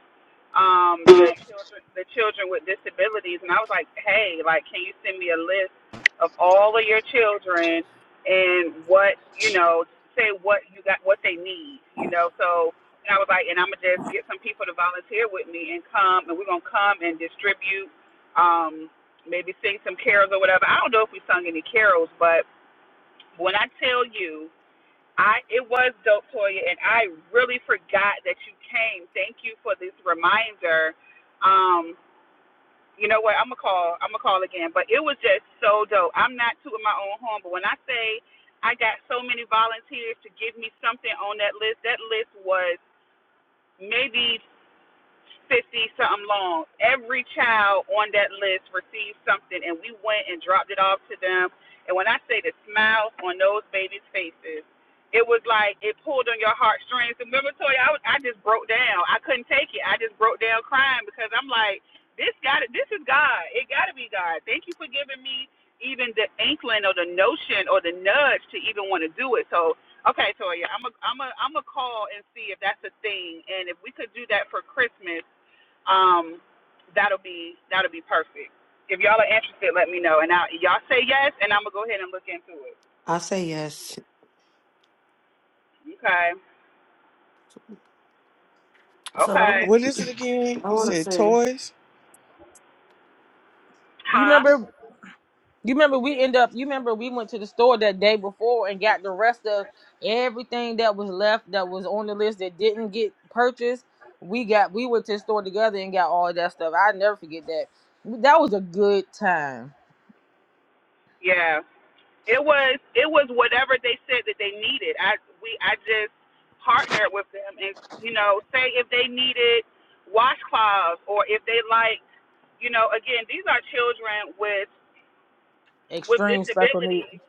Speaker 4: um, the children the children with disabilities, and I was like, hey, like, can you send me a list of all of your children and what you know, say what you got, what they need, you know? So and I was like, and I'm gonna just get some people to volunteer with me and come, and we're gonna come and distribute, um, maybe sing some carols or whatever. I don't know if we sung any carols, but when I tell you I it was dope, Toya, and I really forgot that you came. Thank you for this reminder. Um, you know what? I'm gonna call. I'm gonna call again. But it was just so dope. I'm not tooting my own horn, but when I say I got so many volunteers to give me something on that list, that list was maybe 50 something long. Every child on that list received something, and we went and dropped it off to them. And when I say the smiles on those babies' faces, it was like it pulled on your heartstrings. And remember, Toya, I, was, I just broke down. I couldn't take it. I just broke down crying because I'm like, this got to This is God. It got to be God. Thank you for giving me even the inkling or the notion or the nudge to even want to do it. So Okay, Toya, I'm a I'm a I'm a call and see if that's a thing, and if we could do that for Christmas, um, that'll be that'll be perfect. If y'all are interested, let me know, and I, y'all say yes, and I'm gonna go ahead and look into it.
Speaker 6: I say yes.
Speaker 4: Okay.
Speaker 5: So I,
Speaker 4: Okay.
Speaker 5: wa-
Speaker 1: what is it again?
Speaker 5: I
Speaker 1: You
Speaker 5: want to
Speaker 1: said
Speaker 5: say
Speaker 1: toys?
Speaker 4: Huh? Yeah. It was it was whatever they said that they needed. I we I just partnered with them and you know say if they needed washcloths or if they like you know again these are children with with disabilities.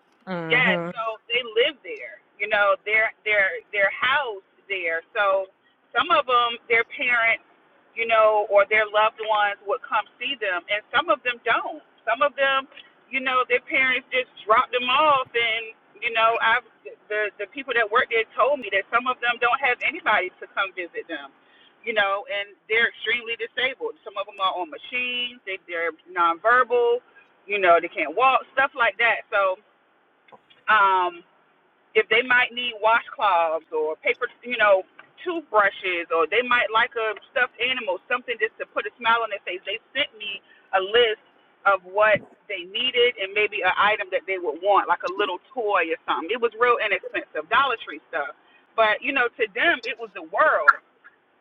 Speaker 4: Yes, so they live there. You know, their their their house there. So some of them, their parents, you know, or their loved ones would come see them, and some of them don't. Some of them, you know, their parents just drop them off, and you know, I've the the people that work there told me that some of them don't have anybody to come visit them. You know, and they're extremely disabled. Some of them are on machines. They, they're nonverbal you know, they can't walk, stuff like that. So um, if they might need washcloths or paper, you know, toothbrushes, or they might like a stuffed animal, something just to put a smile on their face, they sent me a list of what they needed and maybe an item that they would want, like a little toy or something. It was real inexpensive, Dollar Tree stuff. But, you know, to them, it was the world.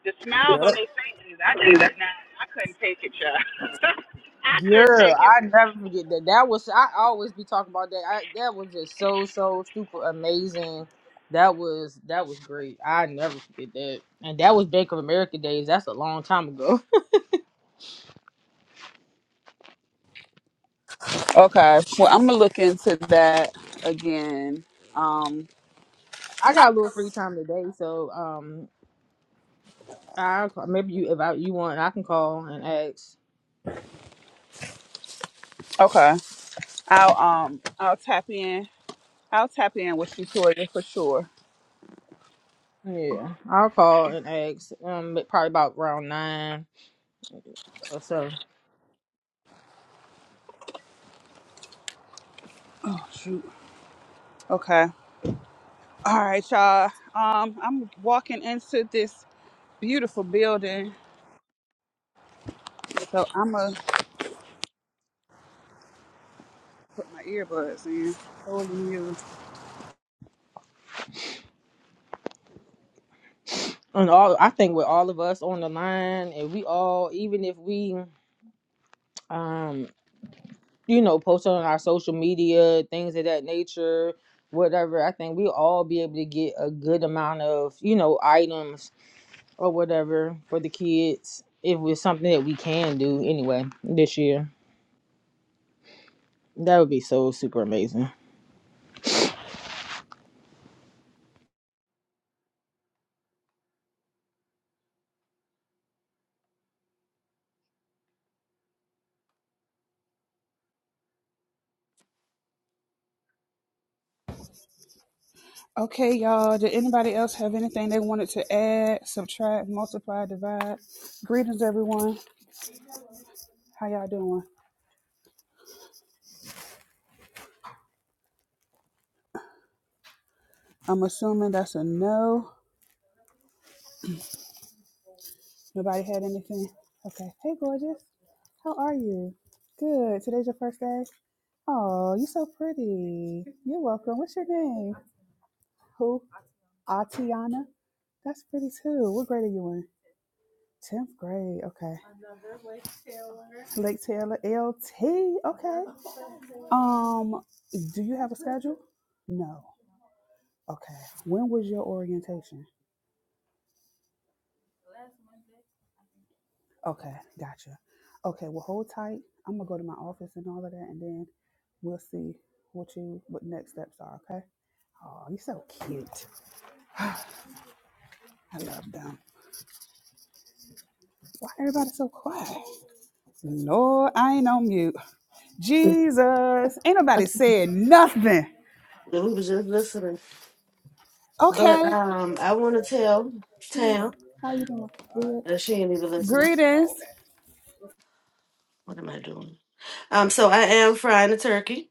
Speaker 4: The smiles on their faces, I just could not, I couldn't take it, child. I couldn't take it. Okay. Well, I'm gonna look into that again. Um, okay. I'll um I'll tap in. I'll tap in with you, Toya, for sure. Oh shoot. Okay. All right, y'all. Um, I'm walking into this beautiful building, so I'm gonna put my earbuds in. Holy music. Okay, y'all. Did anybody else have anything they wanted to add, subtract, multiply, divide? Greetings, everyone. How y'all doing? I'm assuming that's a no. Nobody had anything? Okay. Hey, gorgeous. How are you? Good. Today's your first day? Oh, you're so pretty. You're welcome. What's your name? Who? Atiana? That's pretty too. What grade are you in? 10th grade. Okay. Lake Taylor L T. Okay. Um, do you have a schedule? No. Okay. When was your orientation? Okay, gotcha. Okay, well, hold tight. I'm gonna go to my office and all of that, and then we'll see what you what next steps are. Okay. Oh, you're so cute. I love them. Why everybody so quiet? Lord, I ain't on mute. Jesus, ain't nobody said nothing.
Speaker 5: that we was just listening, but
Speaker 4: Okay.
Speaker 5: um, I want to tell
Speaker 4: Peace.
Speaker 5: Tam
Speaker 4: How you doing? Good.
Speaker 5: that she ain't even listening.
Speaker 4: Greetings.
Speaker 5: What am I doing? Um, so I am frying a turkey.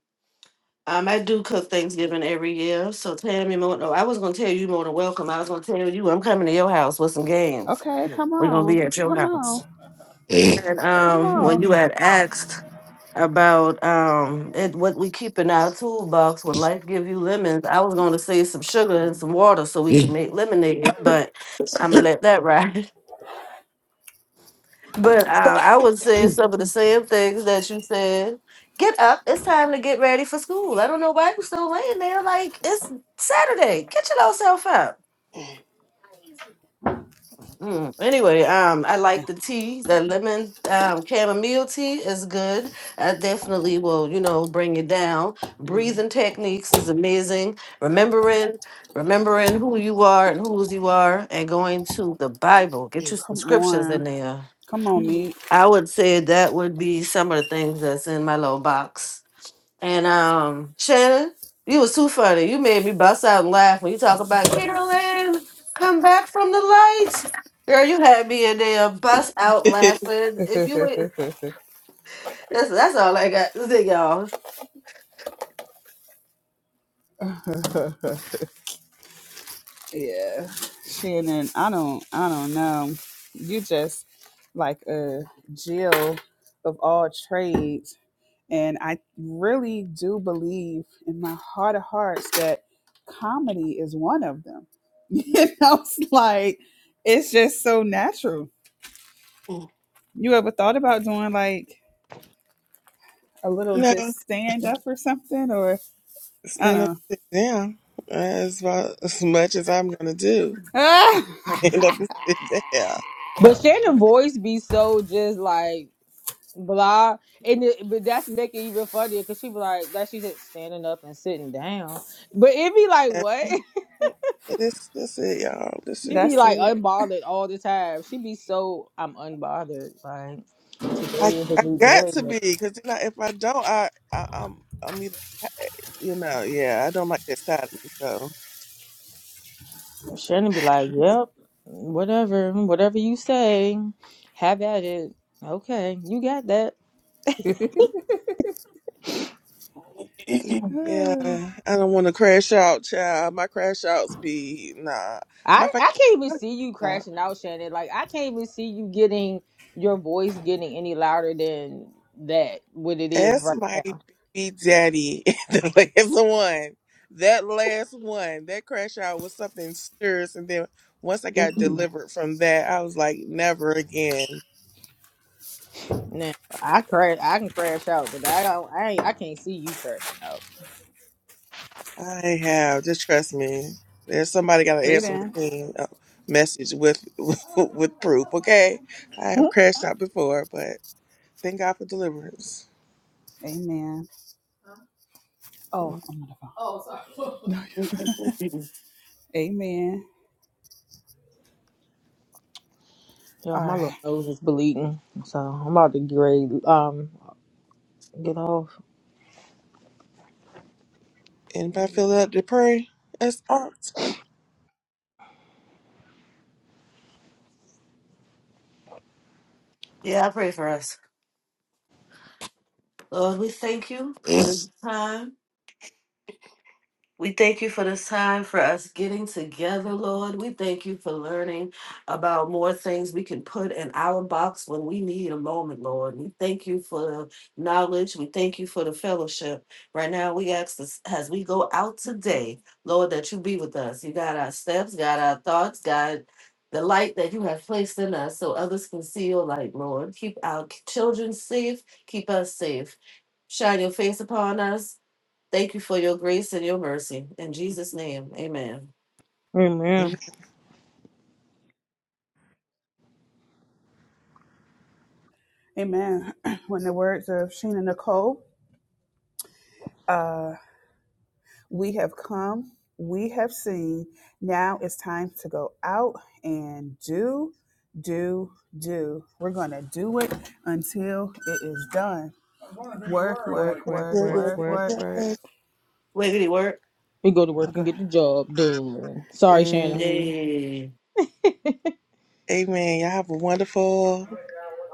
Speaker 5: Um, I do cook Thanksgiving every year. So Tammy, more, no, I was gonna tell you more than welcome. I was gonna tell you I'm coming to your house with some games.
Speaker 4: Okay, come
Speaker 5: We're gonna
Speaker 4: on,
Speaker 5: be at your
Speaker 4: come
Speaker 5: house.
Speaker 4: on,
Speaker 5: And
Speaker 4: come
Speaker 5: um, when
Speaker 4: on.
Speaker 5: you had asked about um it, what we keep in our toolbox when life give you lemons. I was going to say some sugar and some water so we can make lemonade, but I'm gonna let that ride. But uh, I was saying some of the same things that you said. Get up! It's time to get ready for school. I don't know why you're still laying there like it's Saturday. Get yourself up. Mm. Anyway, um, I
Speaker 4: Yeah,
Speaker 5: like the tea. That lemon um, chamomile tea is good. I definitely will, you know, bring it down. Breathing techniques is amazing. Remembering, remembering who you are and whose you are, and going to the Bible. Get you some
Speaker 4: Come
Speaker 5: scriptures
Speaker 4: on,
Speaker 5: in there.
Speaker 4: come on, me.
Speaker 5: I would say that would be some of the things that's in my little box. And um, Shannon, you was too funny. You made me bust out and laugh when you talk about Carolyn, come back from the lights. Girl, you had me in there bust out laughing. If you ain't, that's that's all I got to say, y'all.
Speaker 4: Yeah, Shannon, I don't, I don't know. You just like a Jill of all trades, and I really do believe in my heart of hearts that comedy is one of them. You know, it's like it's just so natural. You ever thought about doing like a little
Speaker 1: no,
Speaker 4: just stand up or something, or I
Speaker 1: stand
Speaker 4: don't
Speaker 1: up, and sit down. That's about as much as I'm gonna do.
Speaker 4: know. Ah,
Speaker 1: Stand up and sit down. This this it, y'all. This it.
Speaker 4: that's it.
Speaker 1: I, I got to be because you know if I don't, I, I I'm I'm either you know yeah I don't like that side of me so yeah I don't want to crash out, child. My crash outs be nah. My fact, ask my baby daddy the last one. That last one, that crash out was something serious, and then once I got delivered from that, I was like, never again. I have. Just trust me. There's somebody got an answer
Speaker 4: Greetings,
Speaker 1: machine uh, message with with proof. Okay, I have crashed out before, but thank God for deliverance.
Speaker 4: amen. Oh. I'm
Speaker 6: Mm.
Speaker 4: Amen. All right.
Speaker 1: Anybody feel that to pray? That's art.
Speaker 5: Yeah, I pray for us. Lord, we thank you for the time. We thank you for this time for us getting together, Lord. We thank you for learning about more things we can put in our box when we need a moment, Lord. We thank you for the knowledge. We thank you for the fellowship. Right now, we ask this, as we go out today, Lord, that you be with us. You got our steps, got our thoughts, God. The light that you have placed in us so others can see your light, Lord. Keep our children safe. Keep us safe shine your face upon us Thank you for your grace and your mercy. In Jesus' name, amen.
Speaker 1: Amen.
Speaker 4: Amen. When the words of Sheena Nicole, uh, we have come, we have seen. Now it's time to go out and do, do, do. We're going to do it until it is done. Work, work,
Speaker 8: work, work,
Speaker 4: work,
Speaker 8: work,
Speaker 4: work,
Speaker 8: work,
Speaker 4: work.
Speaker 8: work.
Speaker 5: Wiggity work.
Speaker 4: Good. Eh,
Speaker 5: Hey.
Speaker 1: Amen. Y'all have a wonderful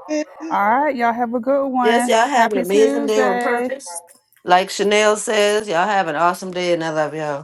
Speaker 1: day.
Speaker 4: All right. Y'all have a good
Speaker 5: Yes,
Speaker 4: one.
Speaker 5: y'all have an
Speaker 4: Happy
Speaker 5: amazing day on
Speaker 4: Tuesday.
Speaker 5: purpose. Like Chanel says, y'all have an awesome day and I love y'all.